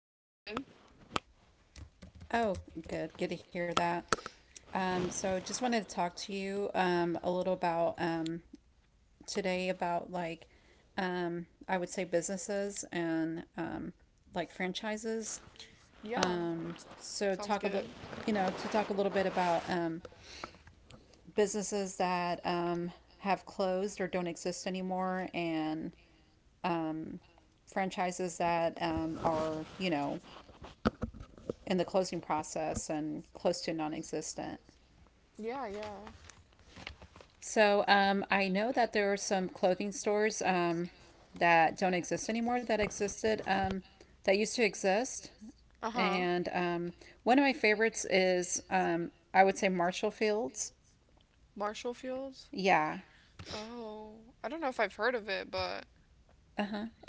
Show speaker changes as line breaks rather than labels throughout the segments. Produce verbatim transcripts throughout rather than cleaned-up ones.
I'm good.
Oh, good. Good to hear that. Um, so just wanted to talk to you um, a little about um, today about like um, I would say businesses and um, like franchises.
Yeah,
So
sounds
talk a
good.
little, you know, to talk a little bit about um, businesses that um, have closed or don't exist anymore, and franchises that um, are, you know, in the closing process and close to non-existent.
Yeah, yeah.
So um, I know that there are some clothing stores um, that don't exist anymore, that existed um, that used to exist,
Uh huh.
and um, one of my favorites is um, I would say Marshall Fields.
Marshall Fields?
Yeah,
Oh, I don't know if I've heard of it, but.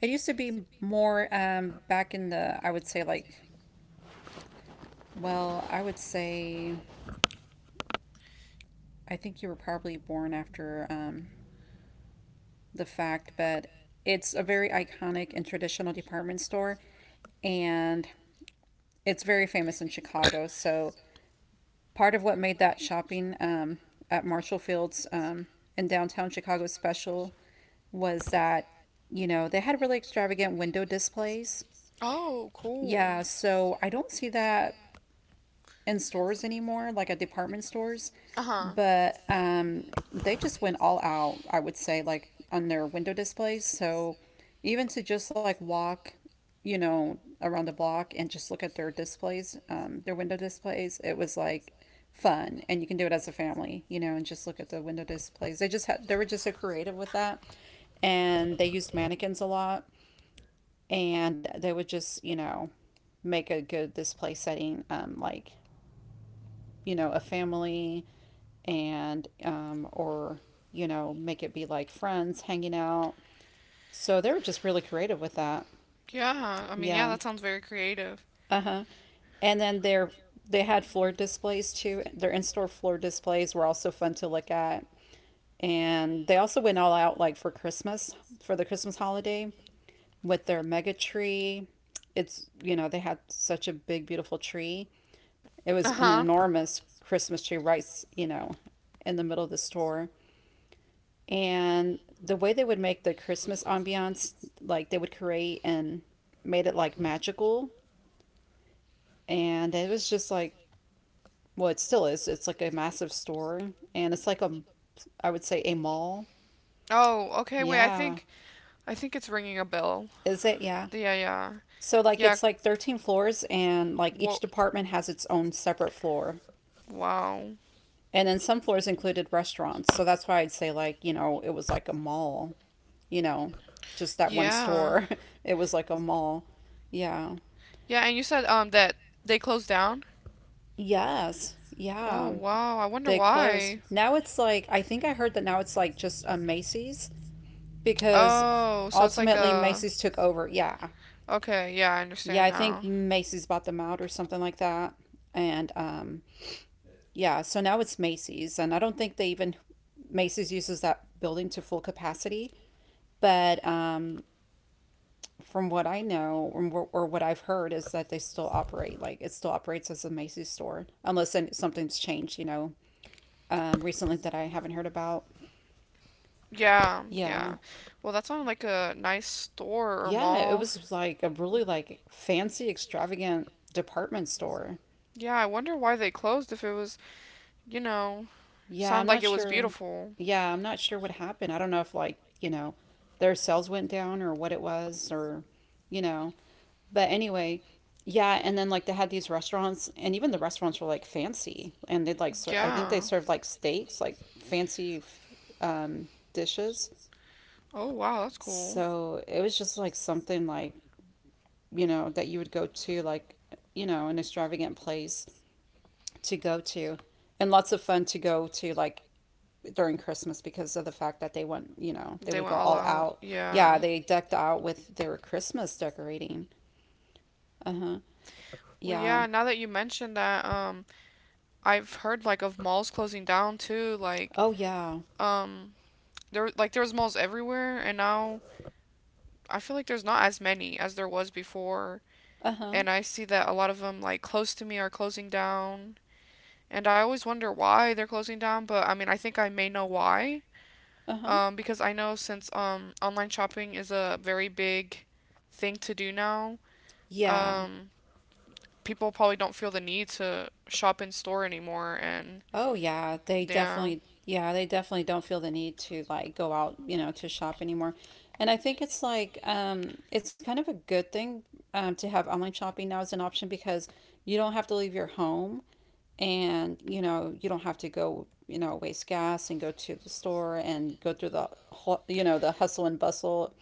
it used to be more um, back in the I would say like, well, I would say I think you were probably born after um, the fact, but it's a very iconic and traditional department store, and it's very famous in Chicago. So part of what made that shopping um, at Marshall Fields um, in downtown Chicago special was that, you know, they had really extravagant window displays.
Oh, cool.
Yeah, so I don't see that in stores anymore, like at department stores,
Uh huh.
but um, they just went all out, I would say, like on their window displays. So even to just like walk, you know, around the block and just look at their displays, um, their window displays, it was like fun, and you can do it as a family, you know, and just look at the window displays. They just had, they were just so creative with that, and they used mannequins a lot, and they would just, you know, make a good display setting, um like, you know, a family and, um, or, you know, make it be like friends hanging out. So they were just really creative with that.
Yeah, I mean, yeah,
Yeah.
that sounds very creative.
Uh huh. And then they're they had floor displays too. Their in store floor displays were also fun to look at. And they also went all out, like for Christmas, for the Christmas holiday, with their mega tree. It's, you know, they had such a big, beautiful tree. It was
Uh
an
huh.
enormous Christmas tree, right, you know, in the middle of the store. And the way they would make the Christmas ambiance, like they would create and made it like magical, and it was just like, well, it still is. It's like a massive store, and it's like a, I would say, a mall.
Oh, okay, wait, I
Yeah,
think. I think it's ringing a bell.
is it? Yeah.
Yeah, yeah.
So like
Yeah.
it's like thirteen floors, and like each
What?
department has its own separate floor,
Wow.
and then some floors included restaurants. So that's why I'd say, like, you know, it was like a mall. You know, just that one
Yeah.
store. It was like a mall. Yeah.
Yeah, and you said um that they closed down?
Yes.
Oh,
Yeah.
wow. I wonder
They closed.
why.
Now it's like, I think I heard that now it's like just a Macy's, because
Oh, so it's like
ultimately
a.
Macy's took over. Yeah.
Okay, yeah, I
Yeah. I
understand
think
now.
Macy's bought them out or something like that. And um, yeah. So now it's Macy's. And I don't think they even, Macy's uses that building to full capacity. But um, from what I know, or, wh- or what I've heard, is that they still operate. Like it still operates as a Macy's store, unless then something's changed, you know, um, recently, that I haven't heard about.
Yeah,
Yeah.
yeah. Well, that sounded like a nice store or
Yeah, it
mall.
was like a really, like, fancy, extravagant department store.
Yeah, I wonder why they closed if it was, you know,
Yeah, I'm
sounded like
not
it was
sure.
beautiful.
Yeah, I'm not sure what happened. I don't know if, like, you know, their sales went down or what it was, or you know. But anyway, yeah, and then like they had these restaurants and even the restaurants were like fancy, and they'd like ser- I think they
Yeah.
served like steaks, like fancy f- um dishes.
Oh wow, that's cool.
So it was just like something like, you know, that you would go to, like, you know, an extravagant place to go to. And lots of fun to go to, like, during Christmas, because of the fact that they went, you know, they
They
would
went
go
all
all
out.
out. Yeah,
Yeah.
they decked out with their Christmas decorating. Uh huh.
Well,
Yeah.
yeah, now that you mentioned that, um, I've heard like of malls closing down too. Like,
Oh, yeah.
um, there like there was malls everywhere, and now I feel like there's not as many as there was before.
Uh huh.
And I see that a lot of them like close to me are closing down, and I always wonder why they're closing down. But I mean, I think I may know why.
Uh huh.
um, because I know since um, online shopping is a very big thing to do now,
Yeah.
um, people probably don't feel the need to shop in store anymore. And
Oh yeah, they definitely, yeah, they definitely don't feel the need to like go out, you know, to shop anymore. And I think it's like um it's kind of a good thing um to have online shopping now as an option, because you don't have to leave your home, and you know, you don't have to go, you know, waste gas and go to the store and go through the hu- you know, the hustle and bustle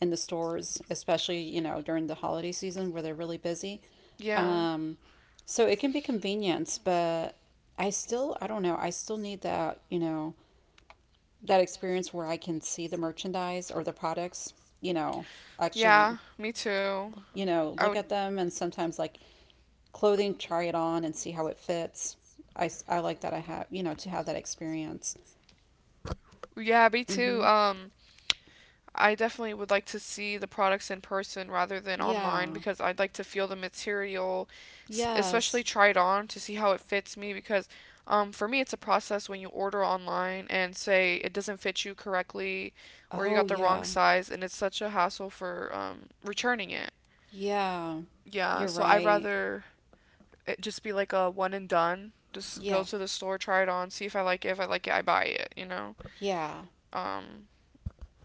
in the stores, especially, you know, during the holiday season where they're really busy.
yeah,
Um, so it can be convenience, but I still, I don't know, I still need that, you know, that experience where I can see the merchandise or the products, you know,
yeah,
actually,
Um, yeah, me too.
you know,
I
look
would,
at them, and sometimes like clothing, try it on and see how it fits. I, s- I like that I have, you know, to have that experience.
like yeah, me too.
Mm-hmm.
Um, I definitely would like to see the products in person rather than online
Yeah.
because I'd like to feel the material, especially
Yes.
try it on to see how it fits me. Because um, for me, it's a process when you order online and say it doesn't fit you correctly or you
Oh,
got the wrong
yeah.
size, and it's such a hassle for um, returning it.
Yeah.
Yeah,
You're
so I'd
right.
rather it just be like a one and done. Just go
Yeah.
to the store, try it on, see if I like it. If I like it, I buy it, you know?
Yeah.
Um,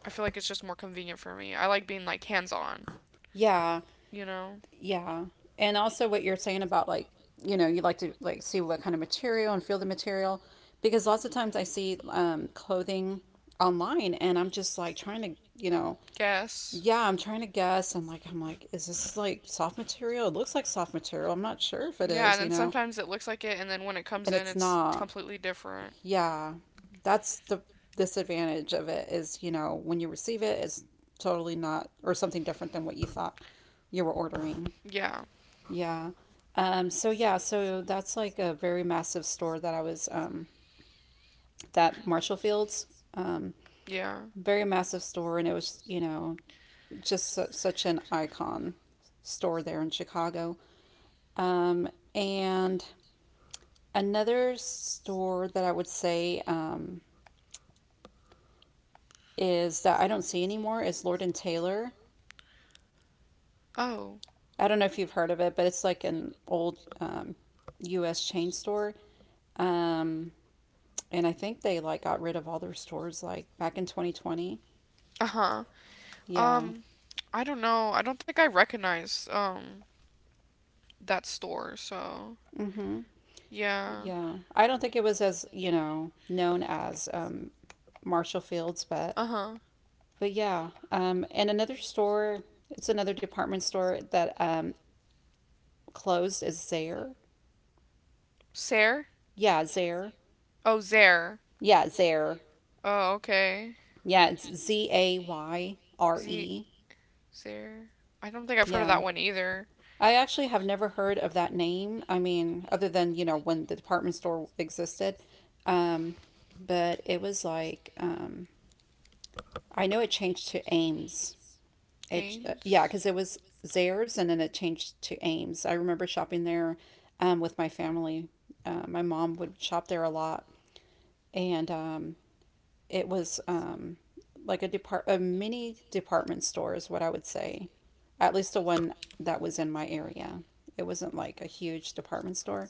I feel like it's just more convenient for me. I like being like hands on.
Yeah.
You know,
Yeah. And also what you're saying about like, you know, you like to like see what kind of material and feel the material, because lots of times I see um clothing online and I'm just like trying to, you know,
guess.
yeah, I'm trying to guess, and like I'm like, is this
It's
like soft material? It looks like soft material. I'm not sure if it
Yeah,
is,
and
you
then
know.
sometimes it looks like it, and then when it comes
And
in,
it's
it's
not.
completely different.
Yeah. That's the disadvantage of it is, you know, when you receive it, it's totally not, or something different than what you thought you were ordering.
Yeah,
Yeah. Um, so yeah, so that's like a very massive store that I was um, that Marshall Fields, um,
yeah.
very massive store, and it was, you know, just su- such an icon store there in Chicago. Um, and another store that I would say, um, is that I don't see anymore, is Lord and Taylor.
Oh,
I don't know if you've heard of it, but it's like an old um, U S chain store. Um, And I think they like got rid of all their stores like back in twenty twenty.
uh huh.
Yeah.
Um, I don't know. I don't think I recognize um that store. So
Mhm.
yeah.
Yeah. I don't think it was as, you know, known as um Marshall Fields, but
Uh huh.
but yeah. Um and another store, it's another department store that um closed, is Zare.
Sare?
Yeah, Zare.
Oh, Zare.
Yeah, Zare.
Oh, okay.
Yeah, it's Z A Y R
Z
E.
Zare. I don't think I've heard of
Yeah.
that one either.
I actually have never heard of that name. I mean, other than, you know, when the department store existed. Um, but it was like, um, I know it changed to Ames. It, uh, yeah,
Ains.
because it was Zares and then it changed to Ames. I remember shopping there um, with my family. Uh, my mom would shop there a lot. And um, it was um, like a depart a mini department store is what I would say, at least the one that was in my area. It wasn't like a huge department store,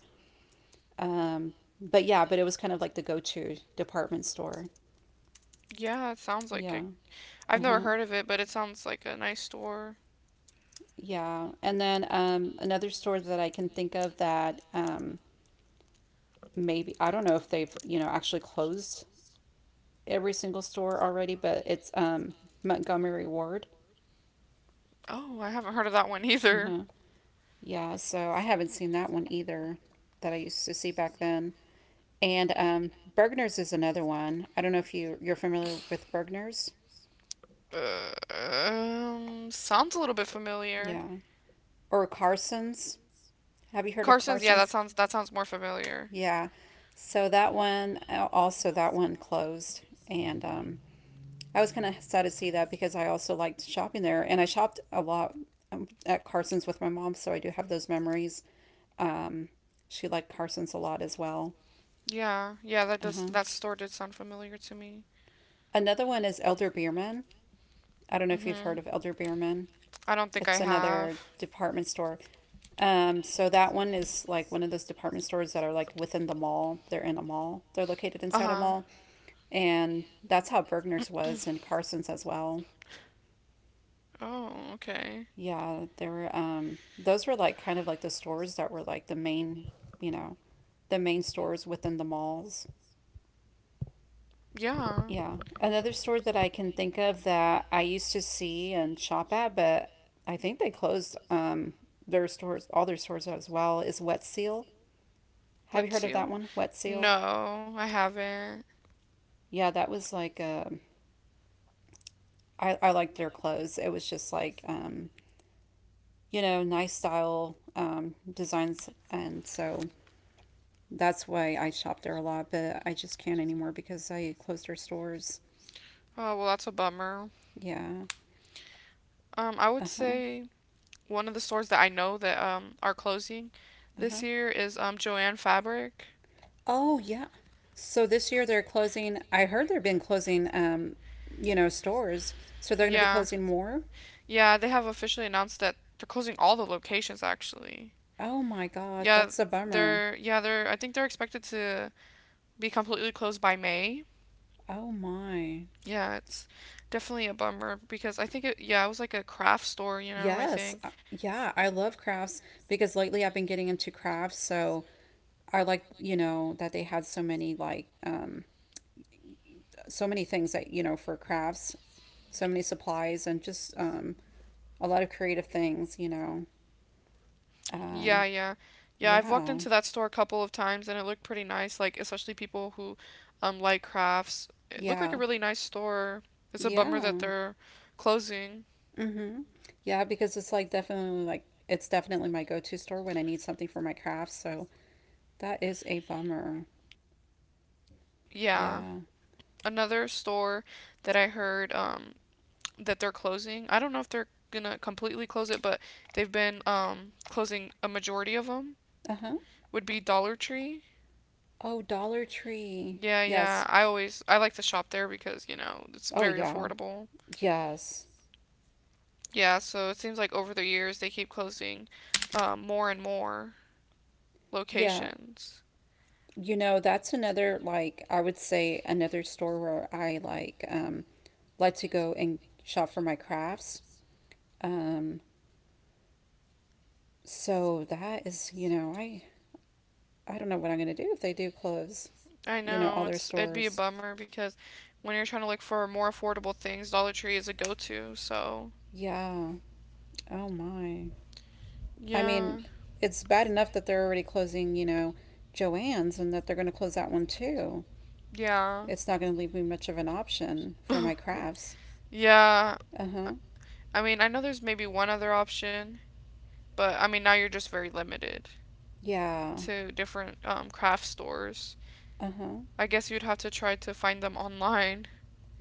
um, but yeah, but it was kind of like the go to department store.
Yeah, it sounds like it.
Yeah.
I've
Uh
never
huh.
heard of it, but it sounds like a nice store.
Yeah. And then um, another store that I can think of that um, maybe I don't know if they've, you know, actually closed every single store already, but it's um, Montgomery Ward.
Oh, I haven't heard of that one
Uh
either.
huh. Yeah, so I haven't seen that one either, that I used to see back then. And um, Bergner's is another one. I don't know if you you're familiar with Bergner's.
Uh, um, sounds a little bit familiar.
Yeah. Or Carson's. Have you heard of
Carson's, yeah, that
Carson's?
sounds that sounds more familiar.
Yeah. So that one, uh, also, that one closed, and um, I was kind of sad to see that, because I also liked shopping there, and I shopped a lot um, at Carson's with my mom, so I do have those memories. Um, she liked Carson's a lot as well.
Yeah, yeah, that does
Uh-huh.
that store did sound familiar to me.
Another one is Elder Beerman. I don't know if you've heard
Mhm.
of Elder Beerman.
I don't think
It's
I have.
another department store. Um, so that one is like one of those department stores that are like within the mall. They're in a mall. They're located inside a
Uh-huh.
mall, and that's how Bergner's was, and Carson's as well.
Oh, okay.
Yeah, there were um, those were like kind of like the stores that were like the main, you know, the main stores within the malls.
Yeah.
Yeah. Another store that I can think of that I used to see and shop at, but I think they closed um their stores, all their stores as well, is Wet Seal. Have you
Wet
heard of that
seal?
one? Wet Seal?
No, I haven't.
Yeah, that was like um I, I liked their clothes. It was just like um, you know, nice style um designs, and so that's why I shop there a lot, but I just can't anymore because I closed their stores.
Oh, well, that's a bummer.
Yeah.
Um, I would
Uh-huh.
say one of the stores that I know that um are closing
Uh-huh.
this year is um Joanne Fabric.
Oh, yeah. So this year they're closing, I heard they've been closing, um, you know, stores. So they're going to be
Yeah,
closing more?
yeah, they have officially announced that they're closing all the locations actually.
Oh my gosh,
Yeah,
that's a bummer.
they're yeah, they're I think they're expected to be completely closed by May.
Oh my.
Yeah, it's definitely a bummer because I think it yeah, it was like a craft store, you know, I
Yes.
think.
uh, Yeah, I love crafts because lately I've been getting into crafts, so I like, you know, that they had so many like um so many things that, you know, for crafts, so many supplies and just um a lot of creative things, you know.
Yeah,
Um
yeah. Yeah, I've walked
yeah.
into that store a couple of times and it looked pretty nice, like especially people who um like crafts. It looked like a
Yeah.
really nice store. It's a bummer that
Yeah.
they're closing.
Mm-hmm. Yeah, because it's like definitely like it's definitely my go-to store when I need something for my crafts. So that is a bummer.
Yeah.
Yeah.
Another store that I heard um that they're closing. I don't know if they're gonna completely close it, but they've been um closing a majority of them
Uh-huh.
would be Dollar Tree.
Oh, Dollar Tree.
Yeah,
Yes.
yeah. I always I like to shop there because, you know, it's
Oh,
very
yeah.
affordable.
Yes.
Yeah, so it seems like over the years they keep closing um, more and more
Yeah.
locations.
You know, that's another, like I would say, another store where I like um like to go and shop for my crafts. Um so that is, you know, I I don't know what I'm gonna do if they do close,
I
you know,
know
all their
it's it'd be a
stores.
bummer because when you're trying to look for more affordable things, Dollar Tree is a go-to. So
Yeah. Oh my. I
yeah,
mean, it's bad enough that they're already closing, you know, Joann's, and that they're going to close that one too.
yeah,
It's not going to leave me much of an option for my crafts.
yeah.
Uh huh.
I mean, I know there's maybe one other option, but I mean now you're just very limited
Yeah.
to different um, craft stores.
Uh huh.
I guess you'd have to try to find them online.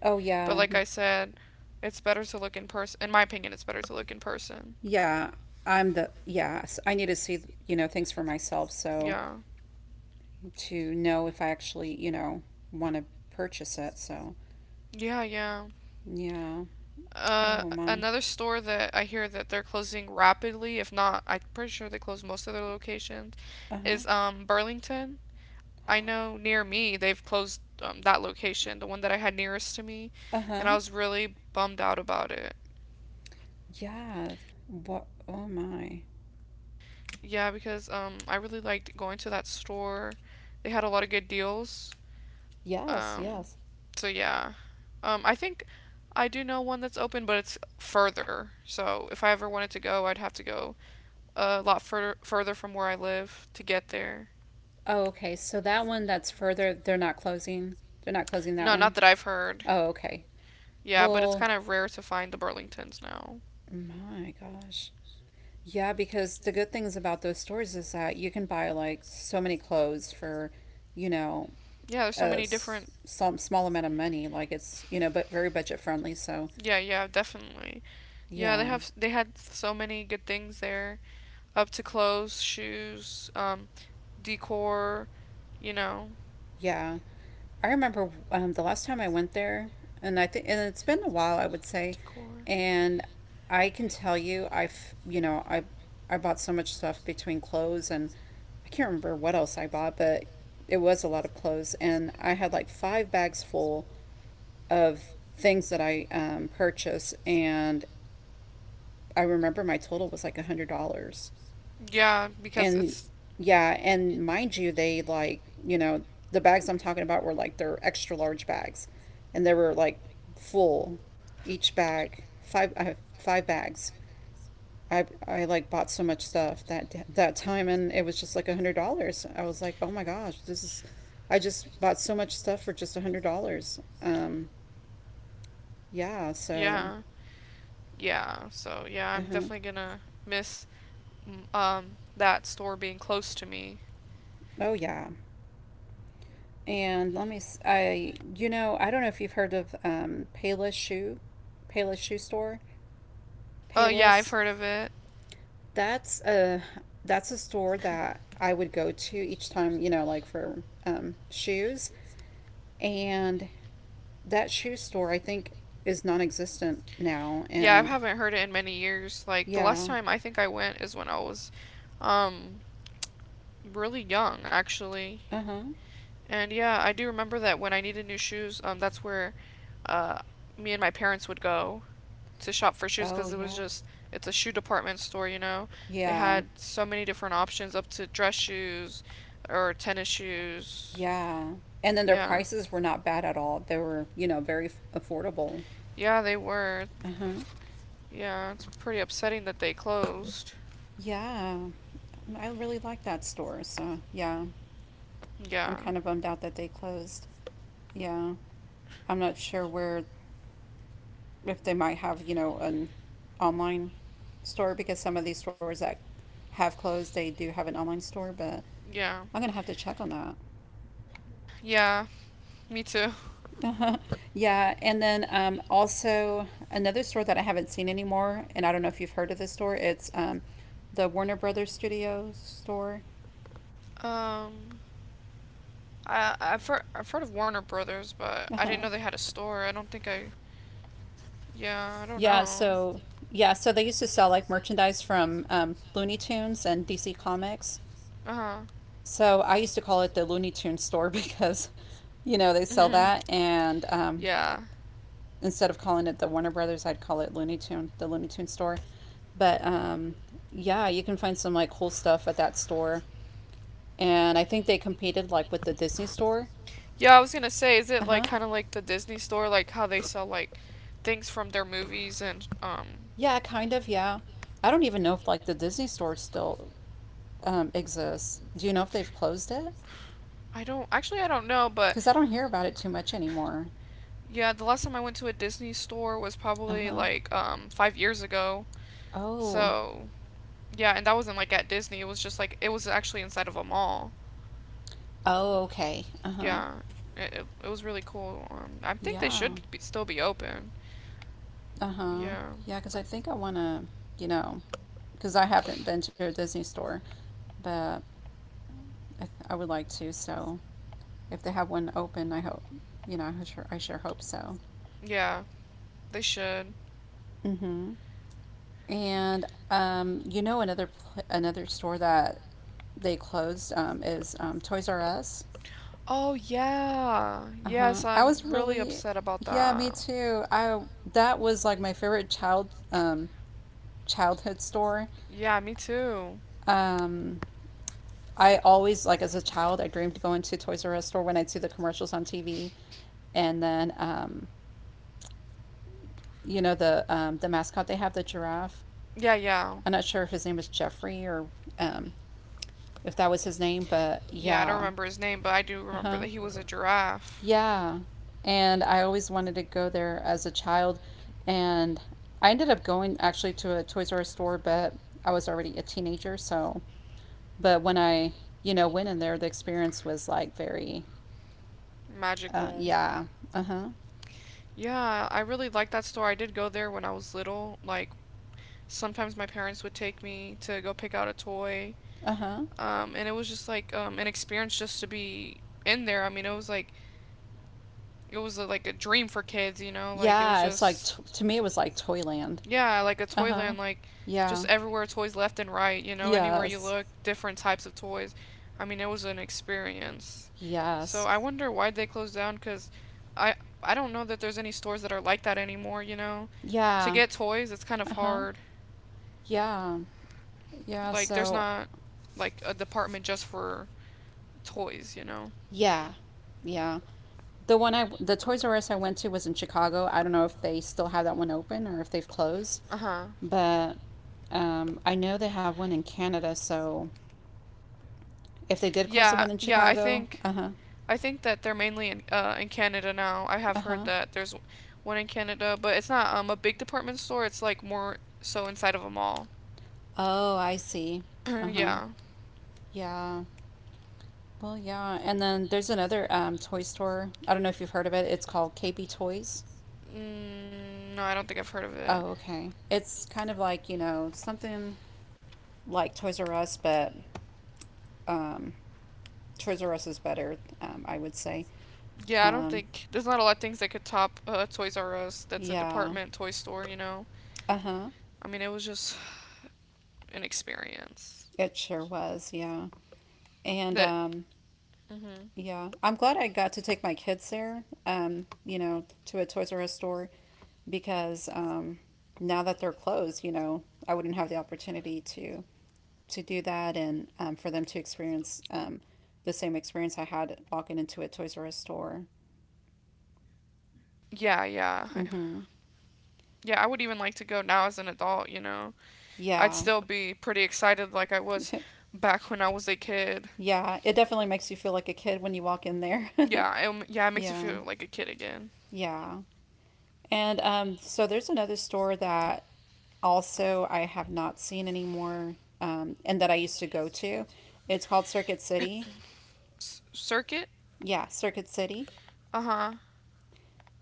Oh,
But
yeah.
like I said, it's better to look in person. In my opinion, it's better to look in person.
Yeah. I'm the, yeah. So I need to see, you know, things for myself. So
Yeah.
to know if I actually, you know, want to purchase it. So,
Yeah, yeah.
yeah.
Uh,
Oh, my.
another store that I hear that they're closing rapidly, if not, I'm pretty sure they closed most of their locations,
Uh huh.
is um Burlington. I know near me they've closed um, that location, the one that I had nearest to me,
Uh
and
huh.
I was really bummed out about it.
Yeah. What? Oh, my.
Yeah, because um I really liked going to that store. They had a lot of good deals.
Yes.
Um,
Yes.
so yeah, um, I think I do know one that's open, but it's further. So if I ever wanted to go, I'd have to go a lot further further from where I live to get there.
Oh, okay. So that one that's further, they're not closing. They're not closing that
No, not
one.
that I've heard.
Oh, okay.
Yeah, but it's
Well,
kind of rare to find the Burlingtons now.
my gosh. Yeah, because the good things about those stores is that you can buy like so many clothes for, you know,
Yeah, there's so
a
many
s-
different.
some small amount of money. Like it's, you know, but very budget friendly. So
Yeah, yeah, definitely. Yeah, they
yeah,
have they had so many good things there, up to clothes, shoes, um, decor, you know.
yeah. I remember um, the last time I went there, and I think, and it's been a
Say.
while, I would say,
Decor.
and I can tell you, I've, you know, I, I bought so much stuff between clothes, and I can't remember what else I bought, but it was a lot of clothes, and I had like five bags full of things that I um, purchased, and I remember my total was like a hundred dollars.
Yeah, because
And
it's
yeah, and mind you, they like, you know, the bags I'm talking about were like they're extra large bags, and they were like full each bag. Five I have five bags. I I like bought so much stuff that that time, and it was just like a hundred dollars. I was like, oh my gosh, this is, I just bought so much stuff for just a hundred dollars. Um yeah, so
yeah, yeah. So yeah,
uh
I'm
huh.
definitely gonna miss mm, um that store being close to me.
Oh yeah. And let me, s- I, you know, I don't know if you've heard of um, Payless Shoe, Payless Shoe Store,
Oh yeah, I've
Payless.
heard of it.
That's a that's a store that I would go to each time, you know, like for um, shoes. And that shoe store, I think, is non-existent now.
Yeah, I
And
haven't heard it in many years. Like the last
yeah,
time I think I went is when I was, um, really young actually.
uh huh.
And yeah, I do remember that when I needed new shoes, um, that's where uh me and my parents would go to shop for shoes
Oh
because it was
yeah,
just it's a shoe department store, you know. They
yeah,
had so many different options up to dress shoes or tennis shoes.
yeah. And then their
Yeah.
prices were not bad at all. They were, you know, very f- affordable.
Yeah, they were.
Uh huh.
Yeah, it's pretty upsetting that they closed.
Yeah. I really like that store. So, yeah. I'm
Yeah.
kind of bummed out that they closed. Yeah. I'm not sure where, if they might have, you know, an online store, because some of these stores that have closed, they do have an online store, but
Yeah.
I'm going to have to check on that.
Yeah, me too.
Uh huh. Yeah, and then um, also another store that I haven't seen anymore, and I don't know if you've heard of this store. It's um, the Warner Brothers Studios store.
Um I I've heard I've heard of Warner Brothers, but I didn't
Uh-huh.
know they had a store. I don't think I yeah, I don't
Yeah,
know.
so yeah, so they used to sell like merchandise from um, Looney Tunes and D C Comics.
Uh-huh.
So I used to call it the Looney Tunes store because, you know, they sell that, and um,
Yeah.
instead of calling it the Warner Brothers, I'd call it Looney Tune, the Looney Tunes store. But um, yeah, you can find some like cool stuff at that store, and I think they competed like with the Disney store.
Yeah, I was gonna say, is it
Uh
like
huh.
kind of like the Disney store, like how they sell like things from their movies and um,
Yeah, kind of. Yeah, I don't even know if like the Disney store still um, exists. Do you know if they've closed it?
I don't actually I don't know, but
Because I don't hear about it too much anymore.
yeah, the last time I went to a Disney store was
Uh
probably
huh.
like um five years ago.
Oh.
So yeah, and that wasn't like at Disney. It was just like it was actually inside of a mall.
Oh, okay. Uh huh.
Yeah, it it, it was really cool. Um, I think they
Yeah.
should be, still be open.
Uh huh.
Yeah,
Yeah, because I think I want to, you know, because I haven't been to a Disney store, but I, th- I would like to. So if they have one open, I hope, you know, I sure, I sure hope so.
yeah, they should.
Mm hmm. And um, you know, another pl- another store that they closed um, is um, Toys R Us.
Oh yeah.
Uh-huh.
Yes,
I
I'm
was
really
really,
upset about
yeah, me
that.
too. I That was like my favorite child um childhood store.
Yeah, me too.
Um I always, like as a child, I dreamed of going to Toys R Us store when I'd see the commercials on T V, and then um you know the um the mascot they have, the giraffe.
Yeah, yeah.
I'm not sure if his name was Jeffrey, or um if that was his name, but
Yeah, I don't
yeah.
remember his name, but I do remember
Uh-huh.
that he was a giraffe.
Yeah. And I always wanted to go there as a child. And I ended up going, actually, to a Toys R Us store, but I was already a teenager. So, but when I, you know, went in there, the experience was like very, uh,
Magical.
yeah. Uh huh.
Yeah, I really like that store. I did go there when I was little. Like sometimes my parents would take me to go pick out a toy.
Uh huh.
Um, and it was just like um, an experience just to be in there. I mean, it was like it was uh, like a dream for kids, you know? Like it was
Yeah. It's like, t-
just
to me, it was like Toyland.
yeah, like a
Uh huh.
Toyland, like just
Yeah.
everywhere toys left and right, you know, anywhere you
Yes.
look, different types of toys. I mean, it was an experience. So
Yes.
I wonder why they closed down cuz I I don't know that there's any stores that are like that anymore, you know. To
Yeah.
get toys, it's kind of
Uh huh.
hard.
Yeah. Yeah.
Like there's
So,
not like a department just for toys, you know.
yeah. Yeah. The one I, the Toys R Us I went to was in Chicago. I don't know if they still have that one open or if they've closed,
Uh-huh.
but um, I know they have one in Canada. So if they did close the
Yeah,
one in
yeah, I
Chicago,
think
uh huh,
I think that they're mainly in uh, in Canada now. I
uh
have heard
huh.
that there's one in Canada, but it's not um a big department store. It's like more so inside of a mall.
Oh, I see. Uh huh.
yeah.
Yeah. Well, yeah. And then there's another um, toy store. I don't know if you've heard of it. It's called K B Toys.
Mm, no, I don't think I've heard of it.
Oh, okay. It's kind of like, you know, something like Toys R Us, but um, Toys R Us is better, um, I would say.
Yeah, I don't
Um,
think there's not a lot of things that could top uh, Toys R Us. That's a
Yeah.
department toy store, you know.
Uh-huh.
I mean, it was just an experience.
It sure was, yeah. And
That.
um
Mhm.
yeah, I'm glad I got to take my kids there, um, you know, to a Toys R Us store, because um now that they're closed, you know, I wouldn't have the opportunity to to do that, and um, for them to experience um the same experience I had walking into a Toys R Us store.
Yeah, yeah, I-
Mhm.
yeah. I would even like to go now as an adult, you know. I'd
Yeah.
still be pretty excited like I was back when I was a kid.
Yeah, it definitely makes you feel like a kid when you walk in there.
Yeah, um, yeah, it makes you
Yeah,
feel like a kid again.
yeah. And um, so there's another store that also I have not seen anymore um, and that I used to go to. It's called Circuit City.
S- circuit?
Yeah, Circuit City.
Uh huh.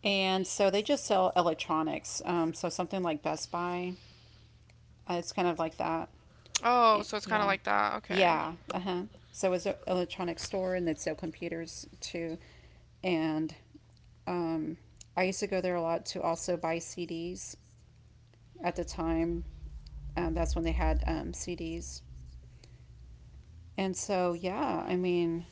And so they just sell electronics. Um, so something like Best Buy. Uh, it's kind of like that.
Oh,
Eh,
so it's kind of
Yeah.
like that. Okay.
Yeah. Uh huh. So it's an electronic store, and they'd sell computers too. And um, I used to go there a lot to also buy C Ds at the time. Um, that's when they had um, C Ds. And so, yeah, I mean,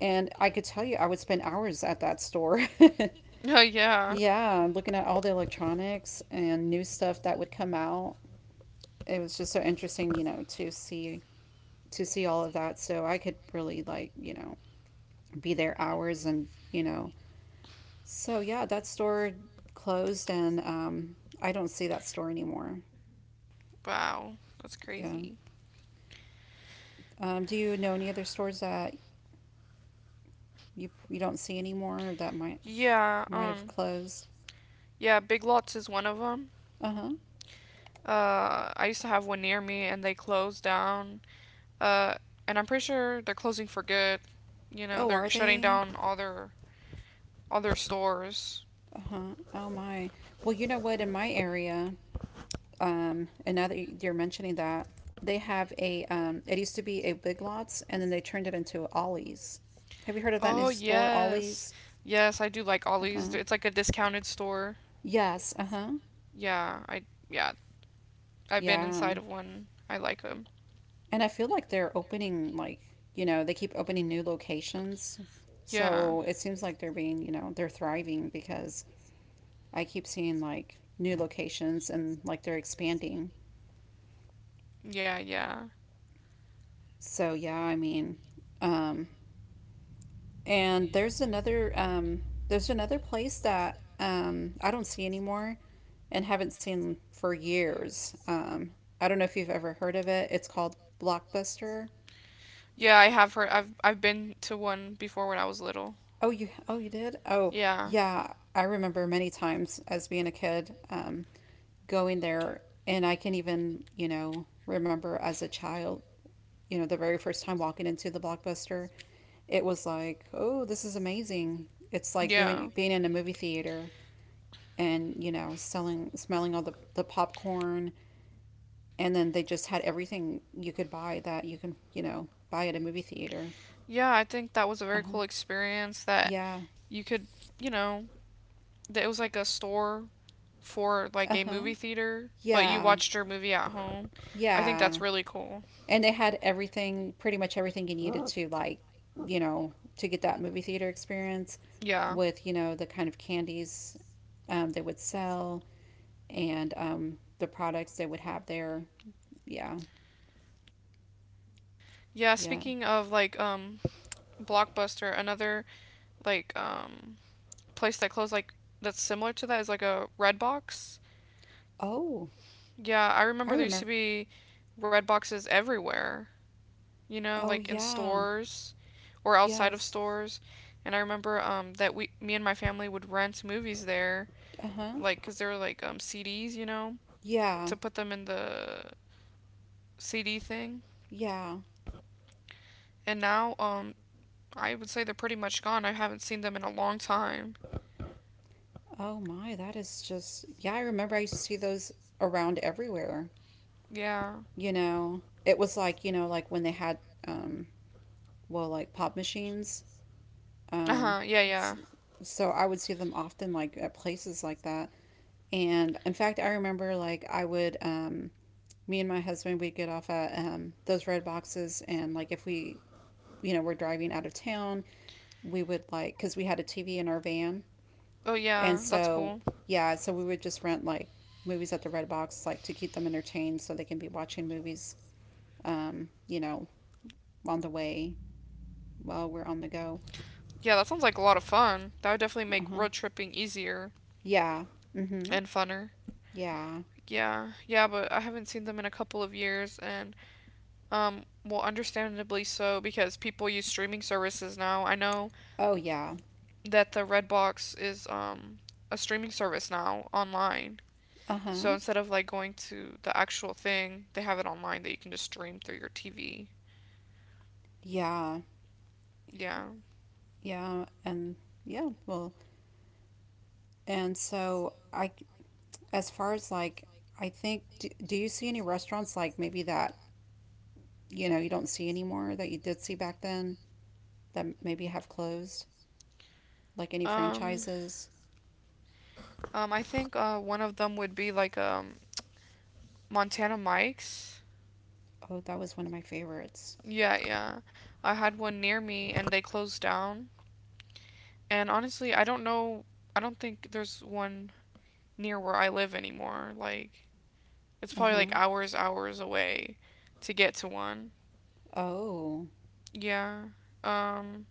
and I could tell you, I would spend hours at that store.
Oh yeah.
Yeah, looking at all the electronics and new stuff that would come out. It was just so interesting, you know, to see to see all of that. So I could really like, you know, be there hours and, you know. So yeah, that store closed, and um I don't see that store anymore.
Wow, that's
Yeah.
crazy.
Um, do you know any other stores that you you don't see anymore or that might
Yeah.
might have
Um.
closed?
Yeah, Big Lots is one of them.
Uh-huh.
Uh, I used to have one near me, and they closed down Uh, and I'm pretty sure they're closing for good. You know,
Oh, are
they're shutting
they?
down all their all their stores.
Uh-huh. Oh my. Well, you know what? In my area, um, and now that you- you're mentioning that, they have a um it used to be a Big Lots, and then they turned it into Ollie's. Have you heard of that new
Oh
store,
yes,
Ollie's?
yes, I do like Ollie's.
Uh-huh.
It's like a discounted store.
Yes, uh-huh.
Yeah, I yeah, I've been
Yeah.
inside of one. I like them.
And I feel like they're opening like, you know, they keep opening new locations.
Yeah,
So it seems like they're being, you know, they're thriving because I keep seeing like new locations, and like they're expanding.
yeah, yeah,
So yeah, I mean, um, and there's another um, there's another place that um, I don't see anymore and haven't seen for years. Um, I don't know if you've ever heard of it. It's called Blockbuster.
yeah. I have heard. I've I've been to one before when I was little.
Oh, you, oh you did? Oh
Yeah,
yeah, I remember many times as being a kid um, going there, and I can even you know remember as a child, you know, the very first time walking into the Blockbuster, it was like, oh, this is amazing. It's like
yeah.
being being in a movie theater and you know selling smelling all the, the popcorn and then they just had everything you could buy that you can you know buy at a movie theater.
Yeah, I think that was a very
Uh-huh.
cool experience that
Yeah.
you could, you know, it was like a store for like a
Uh-huh.
movie theater, but you
Yeah,
watched your movie at home. I think
yeah.
that's really cool.
And they had everything, pretty much everything you needed to like, you know to get that movie theater experience,
Yeah.
with you know the kind of candies um, they would sell and um, the products they would have there. Yeah.
Yeah,
Yeah.
speaking of like um Blockbuster, another like um place that closed like that's similar to that is like a Redbox.
Oh,
Yeah, I
I
remember there used to
remember.
be Redboxes everywhere, you know,
Oh
like in
yeah.
stores or outside of
Yes.
stores. And I remember um that we me and my family would rent movies there
Uh-huh.
like because they were like um C Ds, you know, yeah,
Yeah,
to put them in the C D thing.
yeah.
And now um I would say they're pretty much gone. I haven't seen them in a long time.
Oh my, that is just, yeah, I remember I used to see those around everywhere.
Yeah.
You know, it was like, you know, like when they had, um, well, like pop machines.
Uh
Um,
huh. Yeah.
s-
Yeah.
so I would see them often like at places like that. And in fact, I remember like I would, um, me and my husband, we'd get off at, um, those red boxes. And like if we, you know, were driving out of town, we would like, because we had a T V in our van.
Oh
And
yeah, that's
so,
cool.
yeah, so we would just rent like movies at the Red Box, like to keep them entertained so they can be watching movies, um, you know, on the way while we're on the go.
Yeah, that sounds like a lot of fun. That would definitely make
Uh huh.
road tripping easier
Yeah. Mm hmm.
and funner.
Yeah.
Yeah, yeah, but I haven't seen them in a couple of years, and um, well, understandably so because people use streaming services now. I know
Oh, yeah.
that the Redbox is um a streaming service now online,
Uh
so
huh.
instead of like going to the actual thing, they have it online that you can just stream through your T V.
Yeah.
Yeah.
Yeah. And yeah, well, and so I, as far as like, I think, do, do you see any restaurants like maybe that, you know, you don't see anymore that you did see back then that maybe have closed? Like any
Um.
franchises?
Um. I think uh one of them would be like um Montana Mike's.
Oh, that was one of my favorites.
Yeah. Yeah. I had one near me and they closed down. And honestly, I don't know. I don't think there's one near where I live anymore. Like it's
Uh
probably like
huh.
hours, hours away to get to one.
Oh,
Yeah. Um.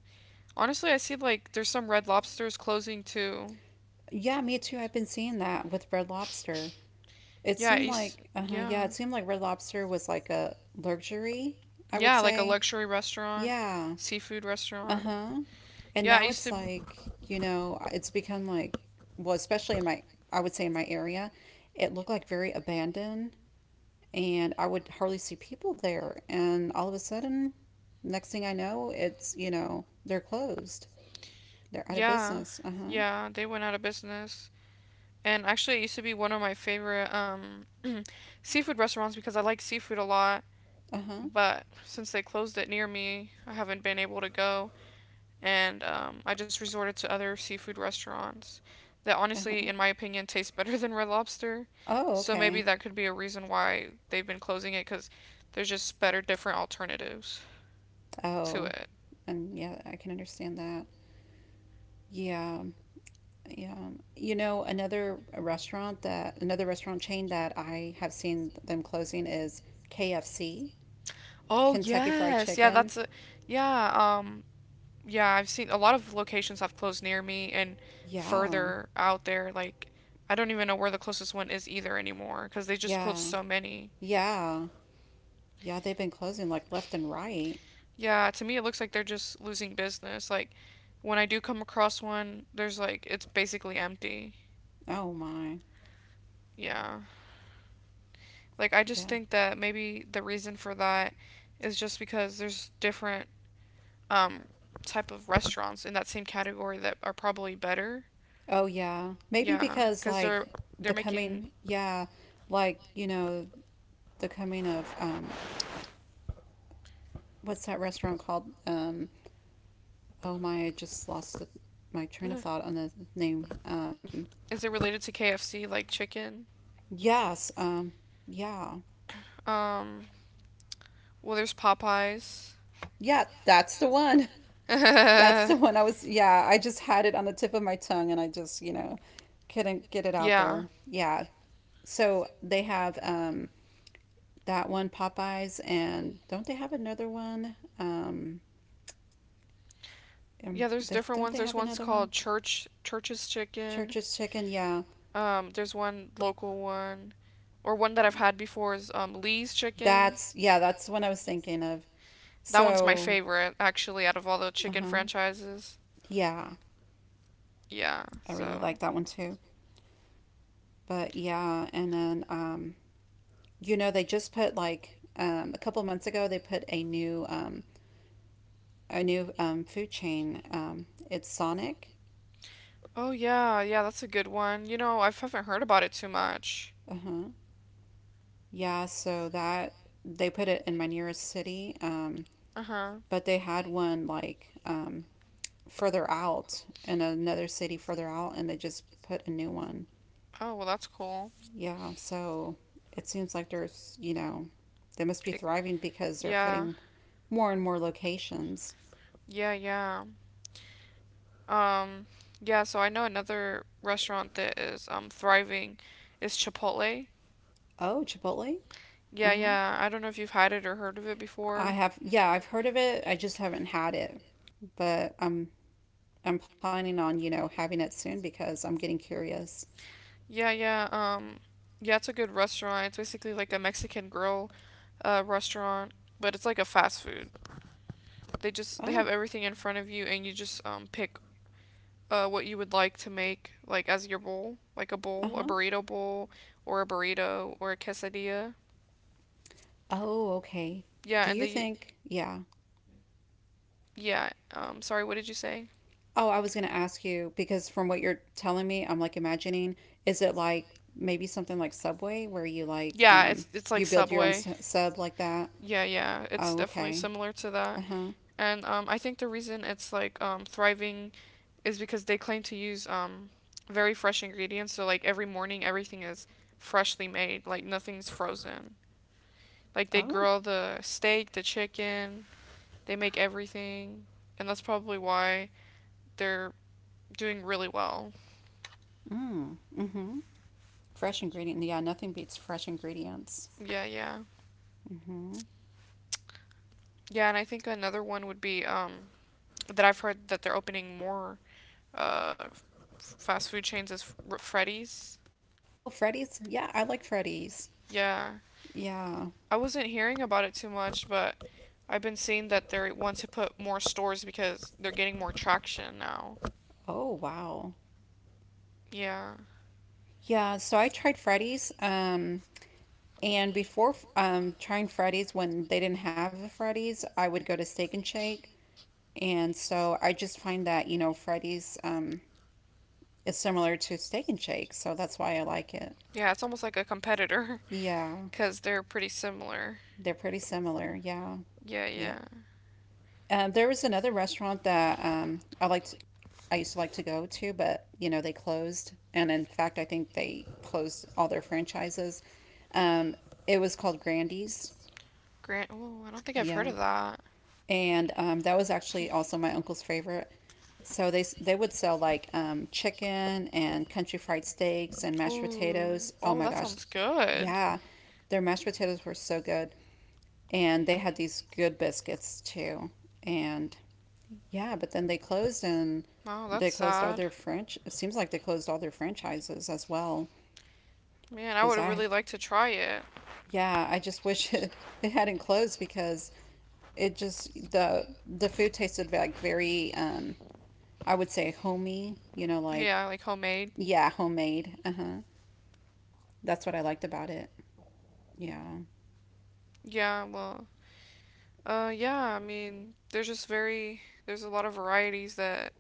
Honestly, I see like there's some Red Lobsters closing too.
yeah, me too. I've been seeing that with Red Lobster. It
Yeah,
seemed
it's
like, uh huh,
yeah.
yeah, it seemed like Red Lobster was like a luxury, I would
Yeah, like a
say.
luxury restaurant,
Yeah,
seafood
uh
restaurant.
huh. And
Yeah, I
now
used
it's
to
like, you know, it's become like, well, especially in my, I would say in my area, it looked like very abandoned and I would hardly see people there. And all of a sudden, next thing I know, it's, you know, they're closed. They're out of
yeah.
business. Uh huh.
Yeah, they went out of business. And actually it used to be one of my favorite um seafood restaurants because I like seafood a lot,
Uh huh.
but since they closed it near me, I haven't been able to go, and um, I just resorted to other seafood restaurants that honestly,
Uh-huh.
in my opinion, taste better than Red Lobster.
Oh,
So maybe
okay.
that could be a reason why they've been closing it because there's just better, different alternatives to
Oh,
it.
and yeah, I can understand that. Yeah. Yeah. You know, another restaurant that, another restaurant chain that I have seen them closing is K F C,
Oh
Kentucky Fried
yes, yeah,
Chicken.
that's a yeah. Um, yeah, I've seen a lot of locations have closed near me and
Yeah.
further out there. Like, I don't even know where the closest one is either anymore because they just closed
Yeah.
so many.
Yeah. Yeah, they've been closing like left and right.
Yeah, to me it looks like they're just losing business. Like when I do come across one, there's like it's basically empty.
Oh my.
Yeah. Like I just
Yeah.
think that maybe the reason for that is just because there's different um type of restaurants in that same category that are probably better.
Oh yeah. Maybe
Yeah,
because
cuz
like
they're they're
the
making
coming, yeah, like, you know, the coming of um what's that restaurant called? Um oh my, I just lost the, my train of
is
thought on the name. Um,
it related to K F C like chicken?
yes, um, yeah,
Um well there's Popeyes.
yeah, that's the one. That's
yeah.
the one I was. Yeah, I just had it on the tip of my tongue, and I just you know couldn't get it out
Yeah,
there. Yeah. So they have um, that one Popeyes, and don't they have another one? Um, um,
there's
they,
different
don't
ones.
they
There's
have
ones
another one?
called Church Church's Chicken.
Church's Chicken. Yeah,
Um, there's one local one, or one that I've had before is um, Lee's Chicken.
that's yeah, that's the one I was thinking of.
That one's my
So,
favorite, actually, out of all the
uh
chicken
huh.
franchises.
Yeah,
Yeah,
I really
so.
like that one too. But yeah, and then um, you know they just put like um, a couple months ago they put a new um, a new um, food chain. Um, it's Sonic.
Oh, yeah, yeah, that's a good one. You know, I haven't heard about it too much.
Uh huh. Yeah, so that they put it in my nearest city, um,
Uh huh.
but they had one like um, further out in another city further out, and they just put a new one.
Oh, well, that's cool.
Yeah, so it seems like there's you know they must be
It,
thriving because they're
yeah,
putting more and more locations.
yeah, yeah. Um, yeah, so I know another restaurant that is um thriving is Chipotle.
Oh, Chipotle.
Yeah,
Uh huh.
yeah. I don't know if you've had it or heard of it
I
before.
have, yeah, I've heard of it. I just haven't had it, but I'm I'm planning on you know having it soon because I'm getting curious.
Yeah, yeah. Um, yeah, it's a good restaurant. It's basically like a Mexican grill, uh, restaurant, but it's like a fast food. They just they have
Oh,
everything in front of you, and you just um pick uh what you would like to make like as your bowl, like a
uh
bowl, a
huh.
burrito bowl, or a burrito or a quesadilla.
Oh, okay.
Yeah,
Do
and
you
they
think? Yeah.
yeah. Um, sorry, what did you say?
Oh, I was gonna ask you because from what you're telling me, I'm like imagining. Is it like maybe something like Subway where you like
Yeah,
um
it's it's like
you build your own
Subway.
s- sub like that?
Yeah, yeah. It's
Oh,
definitely
okay.
similar to that.
Uh huh.
And um, I think the reason it's like um, thriving is because they claim to use um, very fresh ingredients. So like every morning, everything is freshly made. Like nothing's frozen. Like they
Oh.
grill the steak, the chicken. They make everything, and that's probably why they're doing really well.
Mm. Mm hmm. Fresh ingredient. Yeah, nothing beats fresh ingredients.
Yeah, yeah,
Mm hmm.
yeah. And I think another one would be um, that I've heard that they're opening more uh, f- fast food chains is Fr- Freddy's.
Oh, Freddy's. Yeah, I like Freddy's.
Yeah,
Yeah.
I wasn't hearing about it too much, but I've been seeing that they want to put more stores because they're getting more traction now.
Oh, wow.
Yeah,
Yeah, so I tried Freddy's. Um, and before um, trying Freddy's, when they didn't have a Freddy's, I would go to Steak and Shake. And so I just find that, you know, Freddy's um, is similar to Steak and Shake. So that's why I like it.
yeah, it's almost like a competitor
Yeah,
because they're pretty similar.
they're pretty similar. Yeah,
Yeah,
yeah.
yeah.
Um, there was another restaurant that um, I liked. I used to like to go to, but you know they closed, and in fact, I think they closed all their franchises. Um, it was called Grandy's.
Grant, oh, I don't think I've heard
Yeah,
of that.
and um, that was actually also my uncle's favorite. So they they would sell like um, chicken and country fried steaks and
Ooh,
mashed
and
potatoes. Oh
oh,
my
that
gosh,
sounds good.
yeah, their mashed potatoes were so good, and they had these good biscuits too. And yeah, but then they closed and
Oh, that's
they closed all
sad.
their French. It seems like they closed all their franchises as well.
Man, I
Because
would
I,
really like to try it.
yeah, I just wish it, it hadn't closed because it just the the food tasted like very um I would
I
say homey, you know, like
Yeah, like homemade.
yeah, homemade. Uh-huh. That's what I liked about it. Yeah.
Yeah, well, uh, yeah, I mean, there's just very, there's a lot of varieties that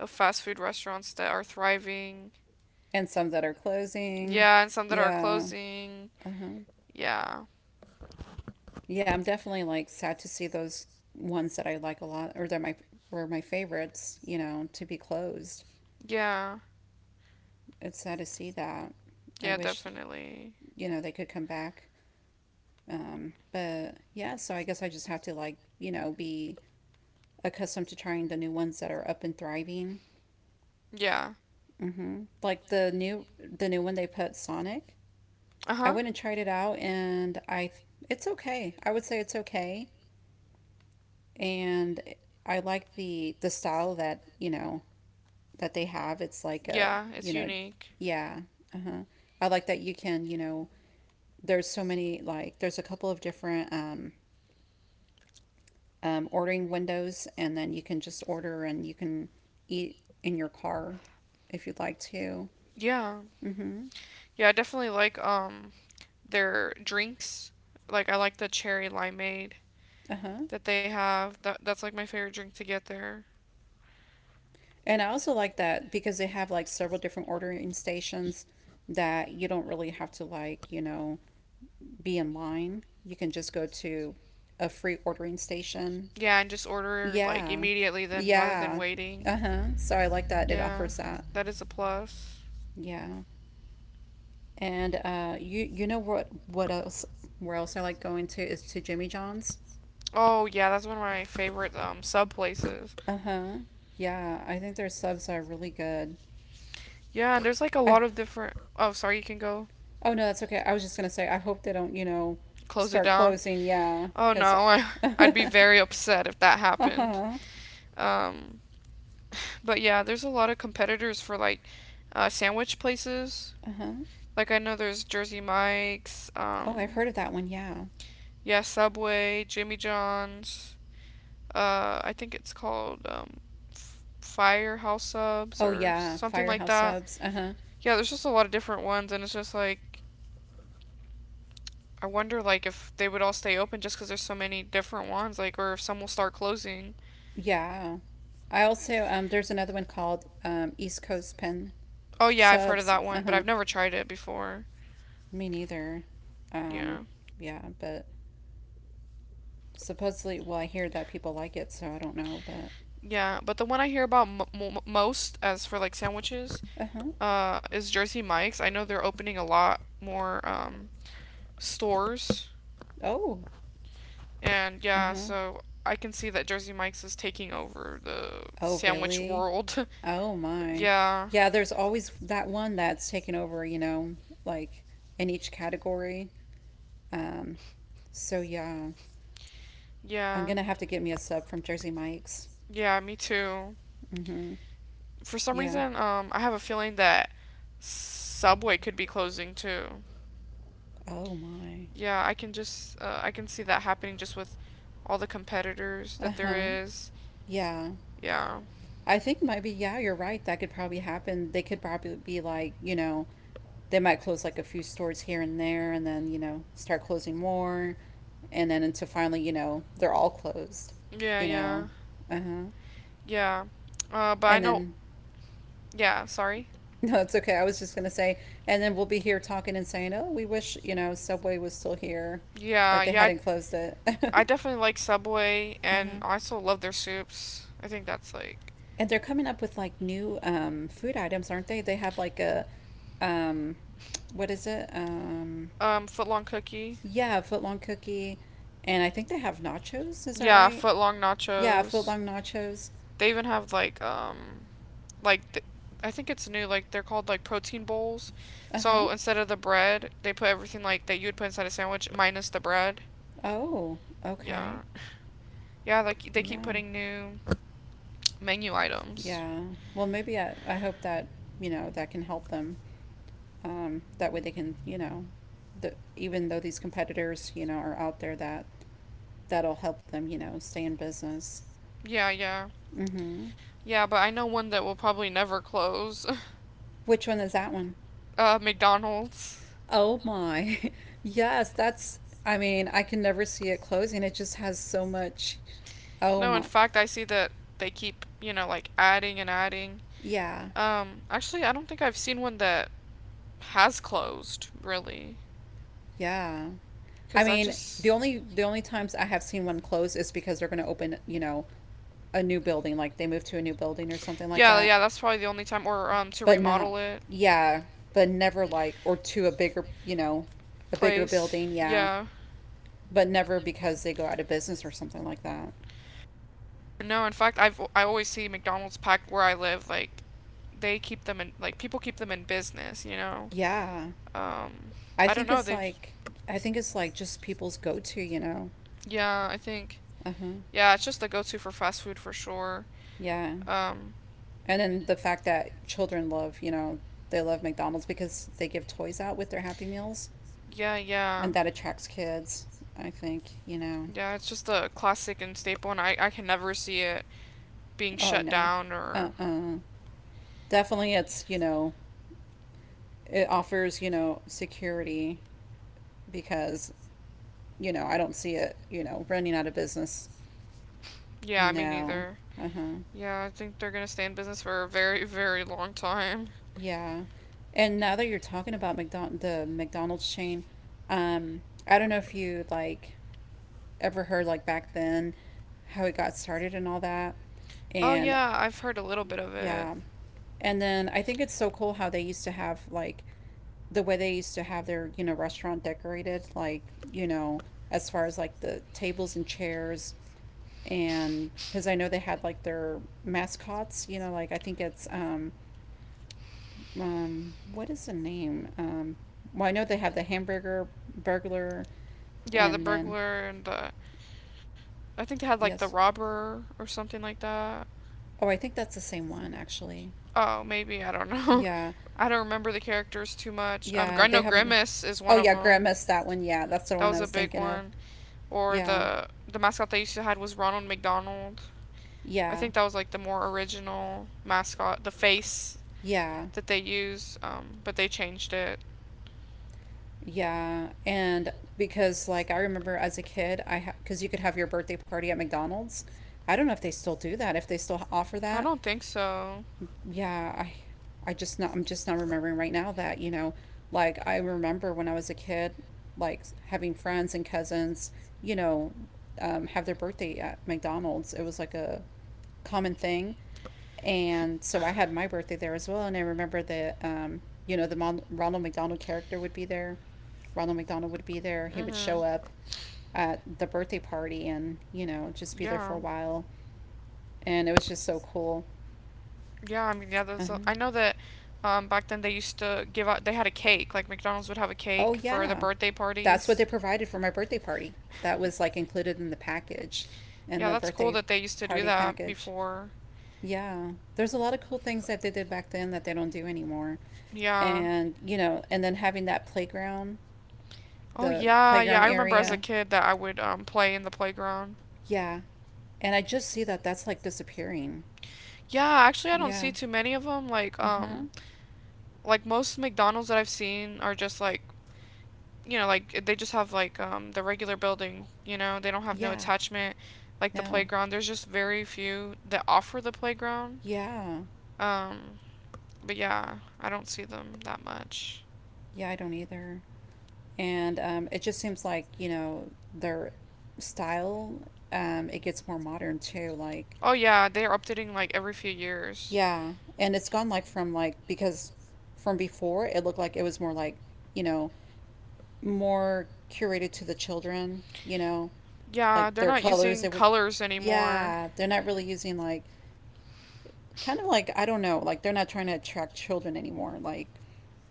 of fast food restaurants that are thriving.
And some that are closing.
Yeah, and some that are
Yeah.
closing.
Uh-huh.
Yeah,
Yeah, I'm definitely like sad to see those ones that I like a lot or that my were my favorites, you know, to be closed.
yeah,
It's sad to see that. I
yeah,
wish,
definitely.
you know, they could come back. Um, but yeah, so I guess I just have to like, you know, be accustomed to trying the new ones that are up and thriving.
Yeah,
Hmm. Like the new the new one they put Sonic. I
uh-huh.
went and tried it out, and I it's okay. I would say it's okay, and I like the the style that you know that they have. It's like a
Yeah,
you
it's
know,
unique.
yeah. Uh-huh. I like that you can you know there's so many like there's a couple of different um, um, ordering windows, and then you can just order and you can eat in your car if you'd like to.
Yeah,
Hmm.
yeah, I definitely like um their drinks. Like I like the cherry limeade
Uh huh.
that they have. That that's like my favorite drink to get there.
And I also like that because they have like several different ordering stations that you don't really have to like, you know, be in line. You can just go to a free ordering station.
Yeah, and just order like
Yeah.
immediately then rather than
Yeah.
waiting.
Uh huh. So I like that it
Yeah,
offers that.
that is a plus.
Yeah. And uh you you know what what else where else I like going to is to Jimmy John's.
Oh, yeah, that's one of my favorite um sub places.
Uh huh. Yeah, I think their subs are really good.
Yeah, and there's like a
I
lot of different Oh, sorry, you can go
Oh no, that's okay. I was just gonna say I hope they don't, you know,
close it
start
down.
closing. Yeah,
Oh
because.
no, I,
uh
I'd be
huh.
very upset if that happened.
Uh
Um, but yeah, there's a lot of competitors for like uh, sandwich places.
huh.
Like I know there's Jersey Mike's,
Oh, I've
um,
heard of that one. Yeah.
Yeah, Subway, Jimmy John's. Uh, I think it's called um, F- Firehouse Subs
Oh
or
yeah,
something like
Firehouse
that.
Subs. Uh huh.
Yeah, there's just a lot of different ones, and it's just like I wonder like if they would all stay open just because there's so many different ones, like or if some will start closing.
Yeah. I also um, there's another one called um, East Coast Pen
Oh yeah, I've heard of
Subs.
that
Uh
one, but
huh.
I've never tried it before.
Me neither. Um,
Yeah,
yeah, but supposedly, well, I hear that people like it, so I don't know, but.
yeah, but the one I hear about m- m- most as for like sandwiches,
Uh huh.
uh, is Jersey Mike's. I know they're opening a lot more um stores.
Oh,
And
uh
yeah,
huh.
so I can see that Jersey Mike's is taking over the
Oh,
sandwich
really?
world.
Oh, my.
yeah,
Yeah, there's always that one that's taken over, you know, like in each category. Um, so, yeah, I'm
yeah.
gonna have to get me a sub from Jersey Mike's.
Yeah, me too.
Mm hmm.
For some
Yeah.
reason, um, I have a feeling that Subway could be closing too.
Oh, my.
Yeah, I can just uh, I can see that happening just with all the competitors
Uh
that there
huh.
is.
Yeah.
Yeah,
I think maybe, yeah, you're right. That could probably happen. They could probably be like, you know, they might close like a few stores here and there and then, you know, start closing more, and then until finally, you know, they're all closed.
yeah,
You know,
yeah,
uh huh.
yeah. Uh, but I
And
know.
then,
Yeah, sorry.
no, it's okay. I was just gonna say, and then we'll be here talking and saying, oh, we wish you know Subway was still here,
Yeah,
that they
yeah,
hadn't closed it. uh
I, I definitely like Subway, and
huh.
I also love their soups. I think that's like
And they're coming up with like new um, food items, aren't they? They have like a, um, what is it? Um,
um footlong cookie.
yeah, a footlong cookie, and I think they have nachos. Is that
Yeah,
right?
footlong
Yeah,
nachos.
footlong nachos.
They even have like um like th- I think it's new. Like they're called like protein bowls.
Uh huh.
So instead of the bread, they put everything like that you would put inside a sandwich minus the bread.
Oh, okay.
Yeah, yeah. Like they keep
Yeah.
putting new menu items.
Yeah. Well, maybe I, I hope that, you know, that can help them. Um, that way they can, you know, the, even though these competitors, you know, are out there that that'll help them, you know, stay in business.
Yeah, yeah,
Mhm.
yeah. But I know one that will probably never close.
Which one is that one?
uh, McDonald's.
Oh my. yes, that's I mean, I can never see it closing. It just has so much Oh
No, in
my.
fact, I see that they keep, you know, like adding and adding.
Yeah.
Um, actually, I don't think I've seen one that has closed, really.
Yeah. I
Because I
mean,
just.
the only the only times I have seen one close is because they're going to open, you know, a new building, like they move to a new building or something like
Yeah,
that.
yeah, that's probably the only time. Or, um, to
But not
remodel it,
yeah, but never like or to a bigger, you know, a bigger
place.
building, yeah,
Yeah.
but never because they go out of business or something like that.
No, in fact, I've I always see McDonald's packed where I live. Like, they keep them in, like, people keep them in business, you know?
Yeah.
Um,
I
I don't
think
know.
it's
They
like I think it's like just people's go-to, you know.
yeah, I think.
Uh-huh.
Yeah, it's just the go to for fast food for sure.
Yeah.
Um,
And then the fact that children love, you know, they love McDonald's because they give toys out with their Happy Meals,
yeah, yeah.
and that attracts kids. I think you know.
Yeah, it's just a classic and staple, and I, I can never see it being
Oh
shut
no,
down
uh
or.
uh definitely, it's you know, it offers you know security because you know I don't see it you know running out of business.
Yeah, me
No,
neither.
uh huh,
Yeah, I think they're gonna stay in business for a very, very long time.
yeah. And now that you're talking about McDonald, the McDonald's chain, um, I don't know if you like ever heard like back then, how it got started and all that.
Oh,
And
yeah, I've heard a little bit of it.
yeah. And then I think it's so cool how they used to have like the way they used to have their, you know, restaurant decorated, like, you know, as far as like the tables and chairs and because I know they had like their mascots, you know, like I think it's um, um, what is the name? Um, well, I know they have the hamburger burglar,
Yeah, the
and then
burglar and the. I think they had like the
yes,
robber or something like that.
oh, I think that's the same one actually.
Oh, maybe. I don't know.
Yeah.
I don't remember the characters too much. Um,
Yeah,
I
they
know
haven't
Grimace is
oh
one of
yeah,
them.
Grimace that one. Yeah, that's the
That
one I
was a
was
big
thinking of.
one. Or
Yeah.
the the mascot they used to had was Ronald McDonald. I
Yeah.
think that was like the more original mascot, the face
Yeah.
that they use, um, but they changed it.
Yeah. And because like I remember as a kid, I ha- cuz you could have your birthday party at McDonald's. I don't know if they still do that, if they still offer that,
Think so.
yeah i i just not I'm just not remembering right now that you know like I remember when I was a kid, like having friends and cousins, you know um, have their birthday at McDonald's. It was like a common thing, and so I had my birthday there as well. And I remember that um, you know the Mon- ronald McDonald character would be there. Ronald McDonald would be there. He would show up at the birthday party and you know just be there for a
Yeah.
while, and it was just so cool.
Yeah, I mean, yeah, there's. A,
Uh-huh.
I know that um, back then they used to give out. They had a cake. Like McDonald's would have a
Oh
cake for the
yeah.
birthday
That's what
parties.
they provided for my birthday party. That was like included in the package, in
Yeah,
the
that's cool
birthday
that they used to do
party
that
package.
before.
Yeah. There's a lot of cool things that they did back then that they don't do anymore.
Yeah.
And, you know, and then having that playground,
Oh
the
yeah, yeah.
playground
I remember as a
area.
kid that I would um play in the playground.
Yeah. And I just see that that's like disappearing.
Yeah, actually, I don't
Yeah.
see too many of them. Like
Uh-huh.
um, like most McDonald's that I've seen are just like you know, like they just have like um, the regular building. You know, they don't have no
Yeah.
attachment, like the
No.
playground. There's just very few that offer the playground.
Yeah.
Um, but yeah, I don't see them that much.
Yeah, I don't either. And um, it just seems like you know their style um, it gets more modern too, like
Oh yeah, they're updating like every few years.
yeah, and it's gone like from like because from before it looked like it was more like you know more curated to the children, you know,
Yeah,
like
they're
their
not
colors. It
using
would
colors anymore.
yeah they're not really using like kind of like I don't know like they're not trying to attract children anymore, like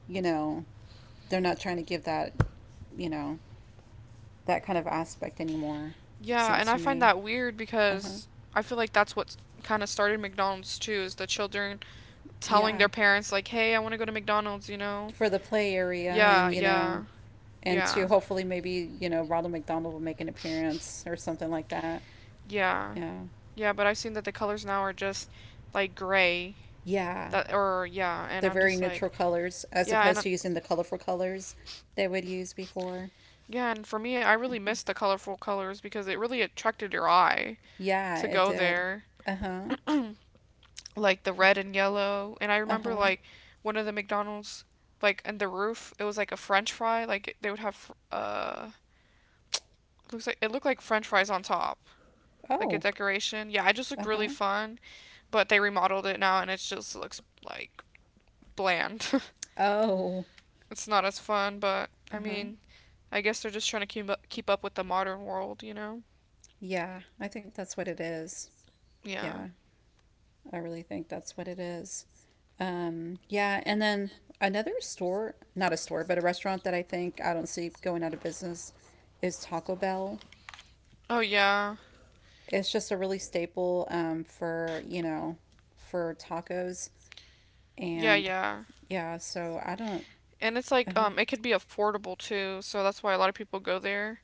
you know they're not trying to give that you know that kind of aspect anymore, it
Yeah, and
seems
I
to
find
me.
that weird
Uh huh.
because I feel like that's what kind of started McDonald's too is the children telling
Yeah.
their parents like, "Hey, I want to go to McDonald's," you know?
For the play area,
Yeah,
and you know,
yeah,
and
yeah,
to hopefully maybe, you know, Ronald McDonald will make an appearance or something like that.
yeah,
Yeah.
yeah. But I've seen that the colors now are just like gray,
Yeah.
that or yeah, and
They're
I'm
very
just
neutral
like,
colors as
yeah, and I-
opposed to using the colorful colors they would use before.
yeah, and for me, I really
Uh-huh.
miss the colorful colors because it really attracted your eye
Yeah,
to
it
go
did.
there.
Uh huh.
Like the red and yellow. And I
Uh
remember
huh.
like one of the McDonald's like in the roof, it was like a French fry. Like they would have uh looks like it looked like French fries on top, like a
Oh.
decoration. Yeah, it just
Uh
looked really
huh.
fun. But they remodeled it now, and it just looks like bland.
Oh.
It's not as fun, but
Uh
I
huh.
mean, I guess they're just trying to keep up, keep up with the modern world, you know?
Yeah, I think that's what it is.
Yeah.
Yeah, I really think that's what it is. Um, yeah, and then another store, not a store, but a restaurant that I think I don't see going out of business is Taco Bell.
Oh yeah.
It's just a really staple um, for, you know, for tacos.
Yeah,
And
yeah.
yeah, so I don't,
And it's like
uh-huh.
um it could be affordable too, so that's why a lot of people go there.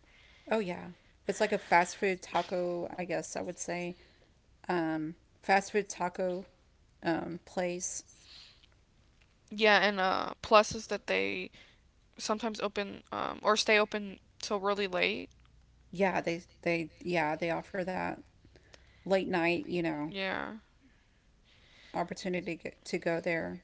Oh yeah. It's like a fast food taco, I guess I would say. Um, fast food taco um, place.
Yeah, and uh, plus is that they sometimes open um, or stay open till really late.
Yeah, they, they, yeah, they offer that late night, you know,
Yeah,
opportunity to, get, to go there.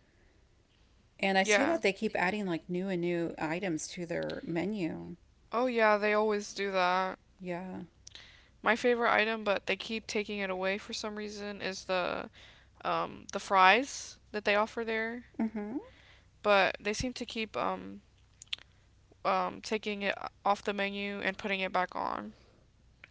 And I see
yeah.
that they keep adding like new and new items to their menu.
Oh, yeah, they always do that.
Yeah.
My favorite item, but they keep taking it away for some reason, is the um, the fries that they offer there.
Mm-hmm.
But they seem to keep um, um, taking it off the menu and putting it back on.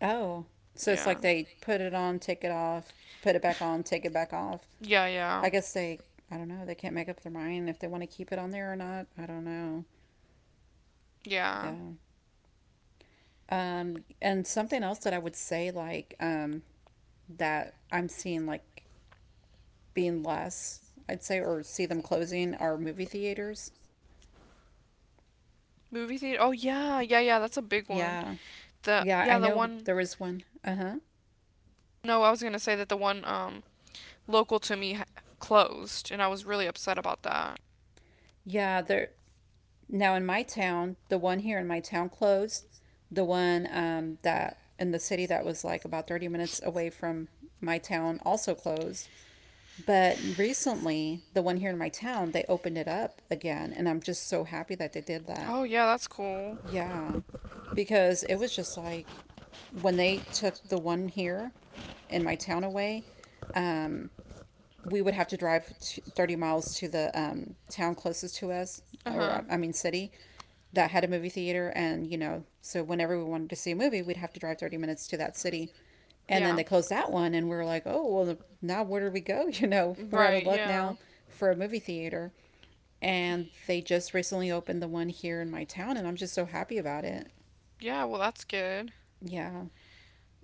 Oh, so it's
Yeah.
like they put it on, take it off, put it back on, take it back off.
Yeah, yeah,
I guess they, I don't know, they can't make up their mind if they want to keep it on there or not. I don't know.
yeah.
Yeah. Um, and something else that I would say, like, um, that I'm seeing like being less, I'd say, or see them closing are movie theaters.
Movie theater. Oh, yeah, yeah, yeah. That's a big one.
Yeah.
The
Yeah,
yeah
I
the
know
one
there was one. Uh huh.
no I was gonna say that the one um local to me ha- closed and I was really upset about that.
Yeah, there. Now in my town, the one here in my town closed. The one um, that in the city that was like about thirty minutes away from my town also closed. But recently, the one here in my town, they opened it up again. And I'm just so happy that they did that.
Oh yeah, that's cool.
Yeah. Because it was just like when they took the one here in my town away, um, we would have to drive thirty miles to the um, town closest to us,
Uh huh.
or I mean, city that had a movie theater. And you know so whenever we wanted to see a movie, we'd have to drive thirty minutes to that city. And then
Yeah.
they closed that one and we were like oh well now where do we go you know we're out
Right.
of luck
Yeah.
now for a movie theater. And they just recently opened the one here in my town and I'm just so happy about it.
Yeah. Well, that's good.
Yeah.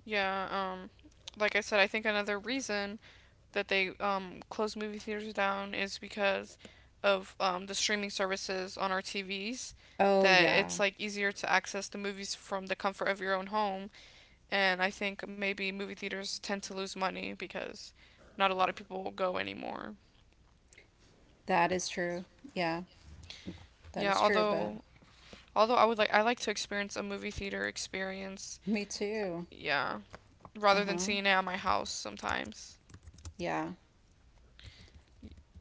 Yeah. Um, like I said, I think another reason that they um close movie theaters down is because of um the streaming services on our T Vs,
Oh
that it's
yeah,
like easier to access the movies from the comfort of your own home, and I think maybe movie theaters tend to lose money because not a lot of people go anymore.
that is true. Yeah, that
Yeah,
is true, but
although although I would like I like to experience a movie theater experience.
me too.
Yeah, rather than
Uh-huh.
seeing it at my house sometimes.
Yeah.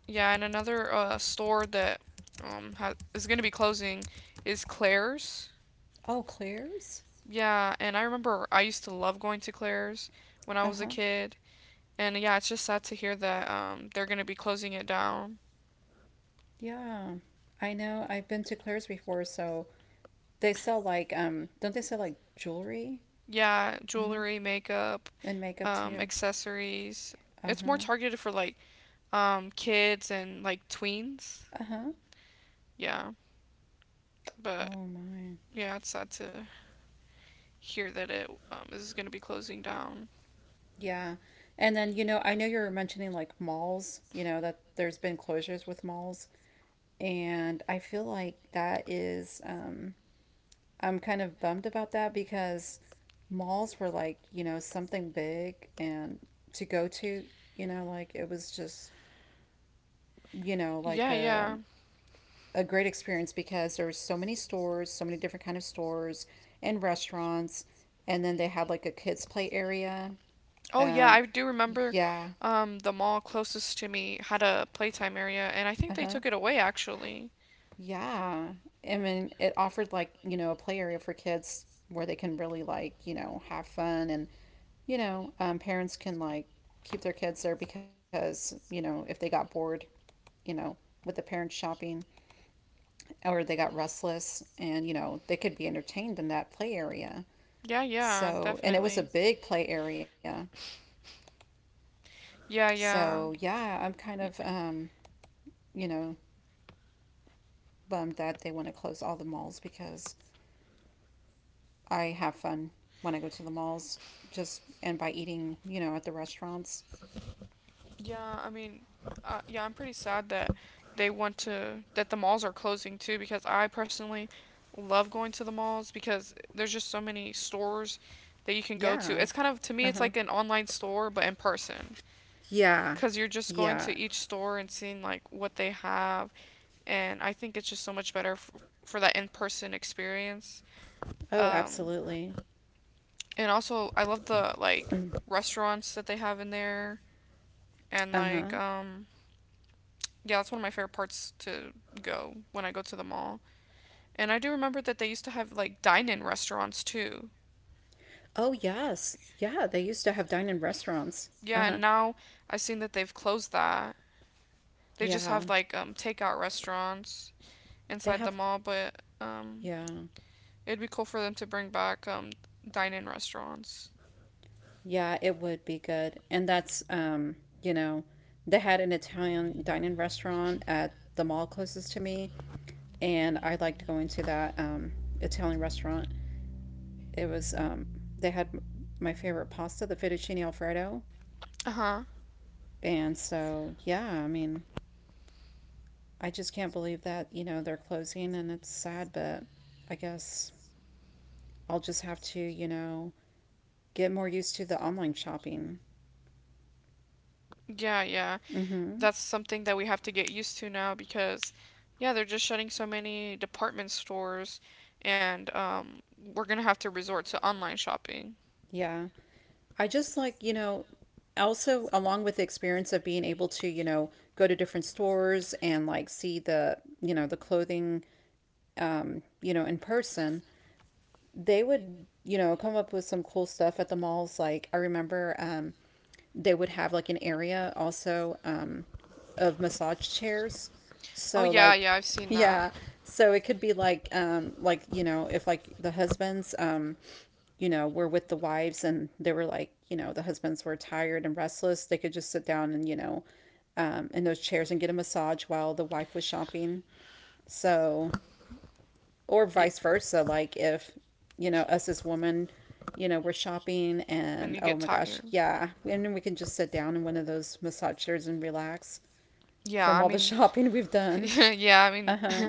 Yeah, and another uh, store that um ha- is going to be closing is Claire's.
Oh, Claire's.
Yeah, and I remember I used to love going to Claire's when I was a
Uh-huh.
kid. And yeah, it's just sad to hear that um they're going to be closing it down.
Yeah, I know I've been to Claire's before, so they sell like um don't they sell like jewelry?
Yeah,
Uh,
jewelry, makeup,
and makeup
um,
too.
accessories. It's more
Uh-huh.
targeted for like um, kids and like tweens.
Uh-huh.
Yeah, but
Oh my.
yeah, it's sad to hear that it um, is going to be closing down.
Yeah. And then, you know, I know you were mentioning like malls, you know, that there's been closures with malls. And I feel like that is, um, I'm kind of bummed about that because malls were like, you know, something big and to go to, you know, like it was just, you know, like
Yeah,
a
yeah.
a great experience because there were so many stores, so many different kind of stores and restaurants, and then they had like a kids play area.
Oh, yeah,
Um,
I do remember
yeah,
um, the mall closest to me had a playtime area, and I think they
uh
took
huh,
it away actually.
yeah. I mean, it offered like you know a play area for kids where they can really like you know have fun. And you know um, parents can like keep their kids there because you know if they got bored, you know, with the parents shopping or they got restless, and you know they could be entertained in that play area.
Yeah, yeah,
So, and it was a
definitely.
big play area.
Yeah,
So,
yeah.
yeah, I'm kind of, um, you know, bummed that they want to close all the malls because I have fun when I go to the malls, just and by eating, you know, at the restaurants.
Yeah, I mean, uh, yeah, I'm pretty sad that they want to that the malls are closing too because I personally love going to the malls because there's just so many stores that you can go to.
Yeah.
It's kind of to me
Uh
it's
huh.
like an online store but in person,
Yeah.
cuz you're just going to
Yeah.
each store and seeing like what they have, and I think it's just so much better f- for that in-person experience.
Oh,
Um,
absolutely.
and also I love the like restaurants that they have in there and
Uh huh.
like um yeah, that's one of my favorite parts to go when I go to the mall. And I do remember that they used to have like dine-in restaurants too.
Oh, yes. Yeah. They used to have dine in restaurants. Uh
Yeah,
huh.
and now I've seen that they've closed that. They just
Yeah.
have like um takeout restaurants
They
inside the
have,
mall, but um
yeah.
it'd be cool for them to bring back um dine-in restaurants.
Yeah, it would be good. And that's, um, you know, they had an Italian dining restaurant at the mall closest to me, and I liked going to that um, Italian restaurant. It was, um, they had m- my favorite pasta, the fettuccine alfredo.
Uh-huh.
And so, yeah, I mean, I just can't believe that, you know, they're closing and it's sad, but I guess I'll just have to, you know, get more used to the online shopping.
Yeah, yeah.
Mm-hmm.
That's something that we have to get used to now because yeah, they're just shutting so many department stores and um we're going to have to resort to online shopping.
Yeah. I just like, you know, also along with the experience of being able to you know go to different stores and like see the you know the clothing um you know in person, they would you know come up with some cool stuff at the malls. Like I remember um they would have like an area also um of massage chairs,
Oh
so
yeah,
like
yeah, I've seen that.
yeah, so it could be like um like you know if like the husbands um you know, were with the wives and they were like, you know, the husbands were tired and restless, they could just sit down and, you know, um, in those chairs and get a massage while the wife was shopping. So, or
Yeah.
vice versa, like if, you know, us as women, you know, we're shopping
And
and
you
oh
get
my gosh,
tired.
yeah, and then we can just sit down in one of those massage chairs and relax
Yeah,
from
I
all the
mean,
shopping we've done.
yeah, yeah, I
Uh
mean,
huh.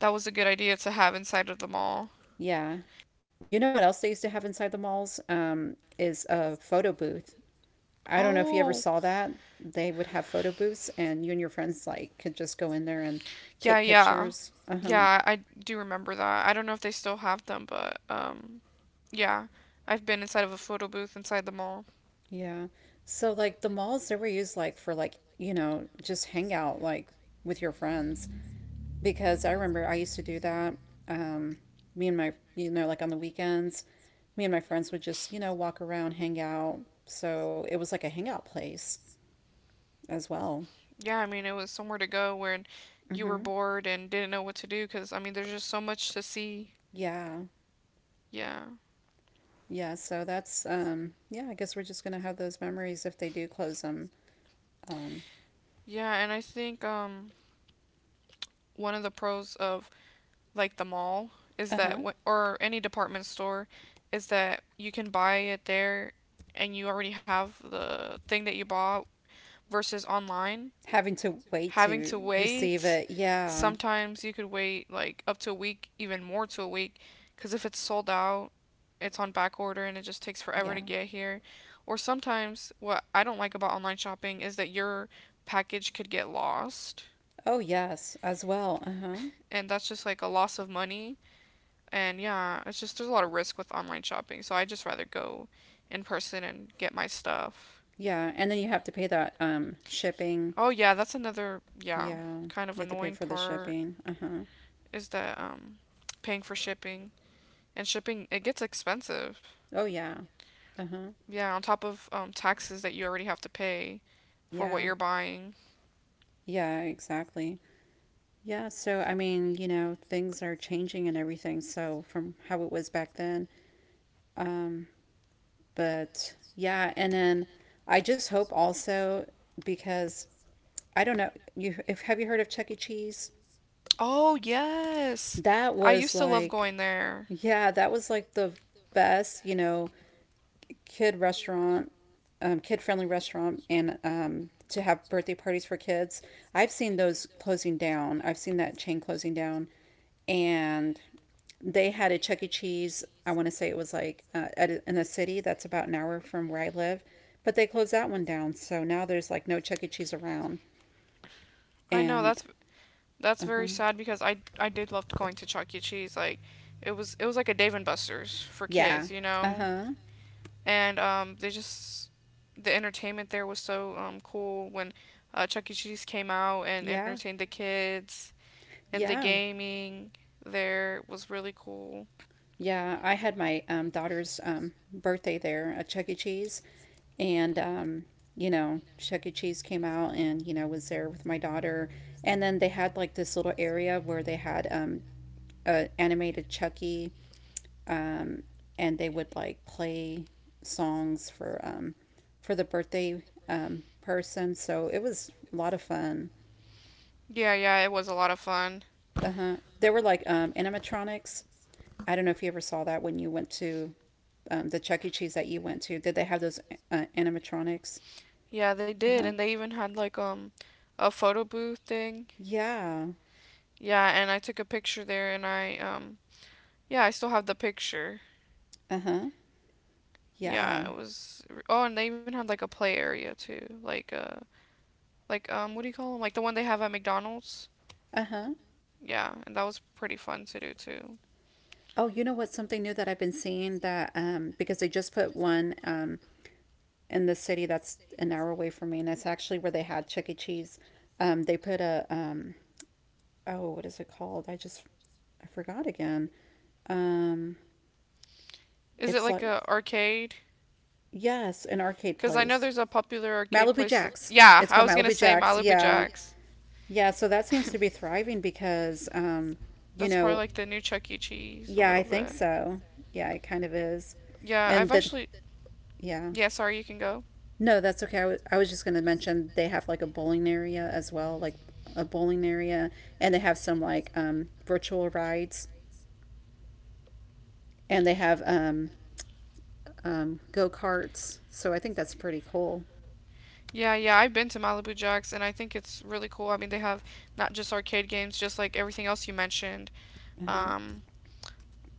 that was a good idea to have inside of the mall.
Yeah. You know what else they used to have inside the malls? Um, is a photo booth. I don't know if you ever
Oh,
saw that. They would have photo booths, and you and your friends like could just go in there and
yeah,
take
yeah,
pictures. Uh huh.
yeah. I do remember that. I don't know if they still have them, but um, yeah, I've been inside of a photo booth inside the mall.
Yeah. So like the malls, they were used like for like you know just hangout like with your friends because I remember I used to do that. Um, me and my you know like on the weekends, me and my friends would just you know walk around, hang out. So it was like a hangout place as well.
Yeah, I mean, it was somewhere to go when you were
Hmm.
bored and didn't know what to do because I mean, there's just so much to see.
Yeah.
Yeah,
Yeah, so that's um yeah, I guess we're just gonna have those memories if they do close them. Um
yeah, and I think um, one of the pros of like the mall is that
uh-huh.
or any department store is that you can buy it there and you already have the thing that you bought versus online,
Having to wait
having
to
to
receive
wait.
it. Yeah.
Sometimes you could wait like up to a week, even more to a week, because if it's sold out it's on back order and it just takes forever
Yeah.
to get here. Or sometimes what I don't like about online shopping is that your package could get lost
Oh yes, as well. Uh-huh.
and that's just like a loss of money. And yeah, it's just there's a lot of risk with online shopping, so I just rather go in person and get my stuff.
Yeah. And then you have to pay that um shipping.
Oh yeah, that's another yeah,
Yeah.
kind of
You have to pay
annoying
for the
part
shipping. Uh-huh.
is that um paying for shipping, and shipping it gets expensive.
Oh yeah. Uh-huh.
Yeah, on top of um taxes that you already have to pay for what
Yeah.
you're buying.
Yeah, exactly. Yeah, so I mean, you know, things are changing and everything. So from how it was back then, um but yeah, and then I just hope also because I don't know, you if have you heard of Chuck E. Cheese?
Oh yes.
That
I
was
used to love
like
going there.
yeah, that was like the best, you know, kid restaurant, um, kid friendly restaurant and um to have birthday parties for kids. I've seen those closing down. I've seen that chain closing down and they had a Chuck E. Cheese. I want to say it was like uh, at, in a city that's about an hour from where I live, but they closed that one down. So now there's like no Chuck E. Cheese around.
I know
And
that's That's
uh huh,
very sad because I I did love going to Chuck E. Cheese. Like it was it was like a Dave and Buster's for
yeah,
kids, you
uh
know.
huh,
And um, they just the entertainment there was so um cool when uh, Chuck E. Cheese came out and
yeah,
entertained the kids, and the
yeah,
gaming there was really cool.
yeah. I had my um, daughter's um, birthday there at Chuck E. Cheese, and um, you know, Chuck E. Cheese came out and you know was there with my daughter, and then they had like this little area where they had um, a animated Chucky um, and they would like play songs for um, for the birthday um, person. So it was a lot of fun.
Yeah, yeah, it was a lot of fun.
Uh huh. There were like um, animatronics. I don't know if you ever saw that when you went to um, the Chuck E. Cheese that you went to. Did they have those uh, animatronics?
Yeah, they
Uh
did,
huh.
and they even had like um a photo booth thing.
Yeah.
Yeah, and I took a picture there, and I um yeah, I still have the picture.
Uh huh.
Yeah,
Yeah.
it was. Oh, and they even had like a play area too, like uh, like um, what do you call them? Like the one they have at McDonald's.
Uh huh.
Yeah, and that was pretty fun to do too.
Oh, you know what? Something new that I've been seeing that um, because they just put one um, in the city that's an hour away from me, and it's actually where they had Chuck E. Cheese. Um, they put a um, oh, what is it called? I just I forgot again. Um,
Is it
it's
like
like
a arcade?
yes, an arcade
Because I know
place,
there's a popular arcade
Malibu
place that.
Jacks.
Yeah,
It's
I
called
was gonna
Malibu
say
Jacks.
Malibu
Yeah,
Jacks.
yeah. So that seems to be thriving because um, you
That's probably
know,
like the new Chuck E. Cheese a
yeah, I
little
think
bit.
so. Yeah, it kind of is,
Yeah,
and
I've
that
actually.
yeah.
Yeah, sorry, you can go.
No, that's okay. I w- I was just going to mention they have like a bowling area as well, like a bowling area, and they have some like um, virtual rides, and they have um, um, go karts. So I think that's pretty cool.
Yeah, yeah, I've been to Malibu Jacks and I think it's really cool. I mean, they have not just arcade games, just like everything else you mentioned.
Uh huh.
Um,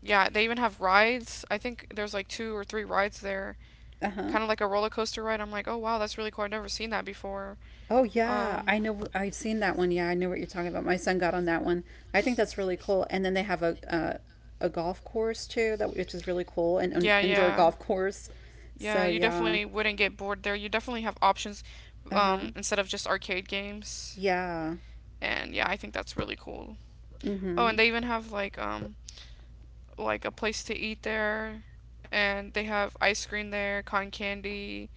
yeah, they even have rides. I think there's like two or three rides there,
Uh huh.
kind of like a roller coaster ride. I'm like, oh wow, that's really cool. I've never seen that before.
Oh yeah,
Um,
I know. I've seen that one. Yeah, I know what you're talking about. My son got on that one. I think that's really cool. And then they have a uh, a golf course
uh,
too, that which is really cool, an,
cool.
an
Yeah,
indoor
yeah,
golf course. So
yeah. You
yeah.
definitely wouldn't get bored there. You definitely have options,
Uh huh.
um, instead of just arcade games.
Yeah.
And yeah, I think that's really cool.
Mm
Oh,
hmm.
and they even have like um, like a place to eat there, and they have ice cream there, cotton candy.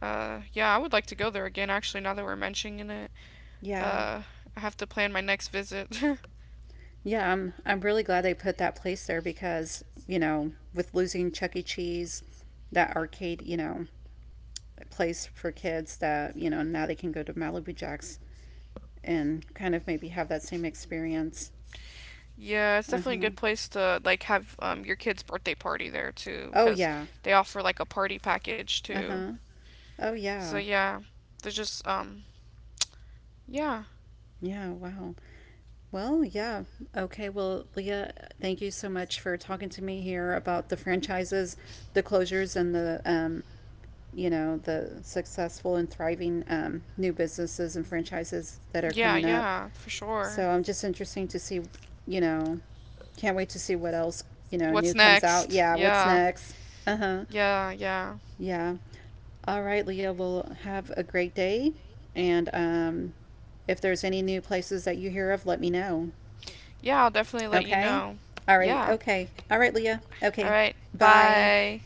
Uh, yeah, I would like to go there again. Actually, now that we're mentioning it,
Yeah.
uh, I have to plan my next visit.
Yeah, I'm, I'm really glad they put that place there because, you know, with losing Chuck E. Cheese, that arcade, you know, place for kids that, you know, now they can go to Malibu Jack's and kind of maybe have that same experience.
Yeah, it's
Uh
definitely a
huh.
good place to like have um, your kid's birthday party there too,
Oh,
because
yeah.
they offer like a party package
Uh
too.
huh. Oh,
So
yeah.
yeah, they're just um, yeah.
Yeah, wow. Well, yeah. Okay, well, Leah, thank you so much for talking to me here about the franchises, the closures, and the um, you know the successful and thriving um, new businesses and franchises that are
Yeah,
coming up,
yeah, for sure.
so I'm just interesting to see, you know, can't wait to see what else, you know,
What's
new comes out.
next?
Yeah, what's
Yeah.
next? Uh-huh.
Yeah, yeah.
Yeah, all right, Leah, well have a great day, and um, if there's any new places that you hear of let me know.
Yeah, I'll definitely let you
Okay,
know.
all right,
Yeah.
okay, all right, Leah,
All
okay,
right.
bye.
Bye.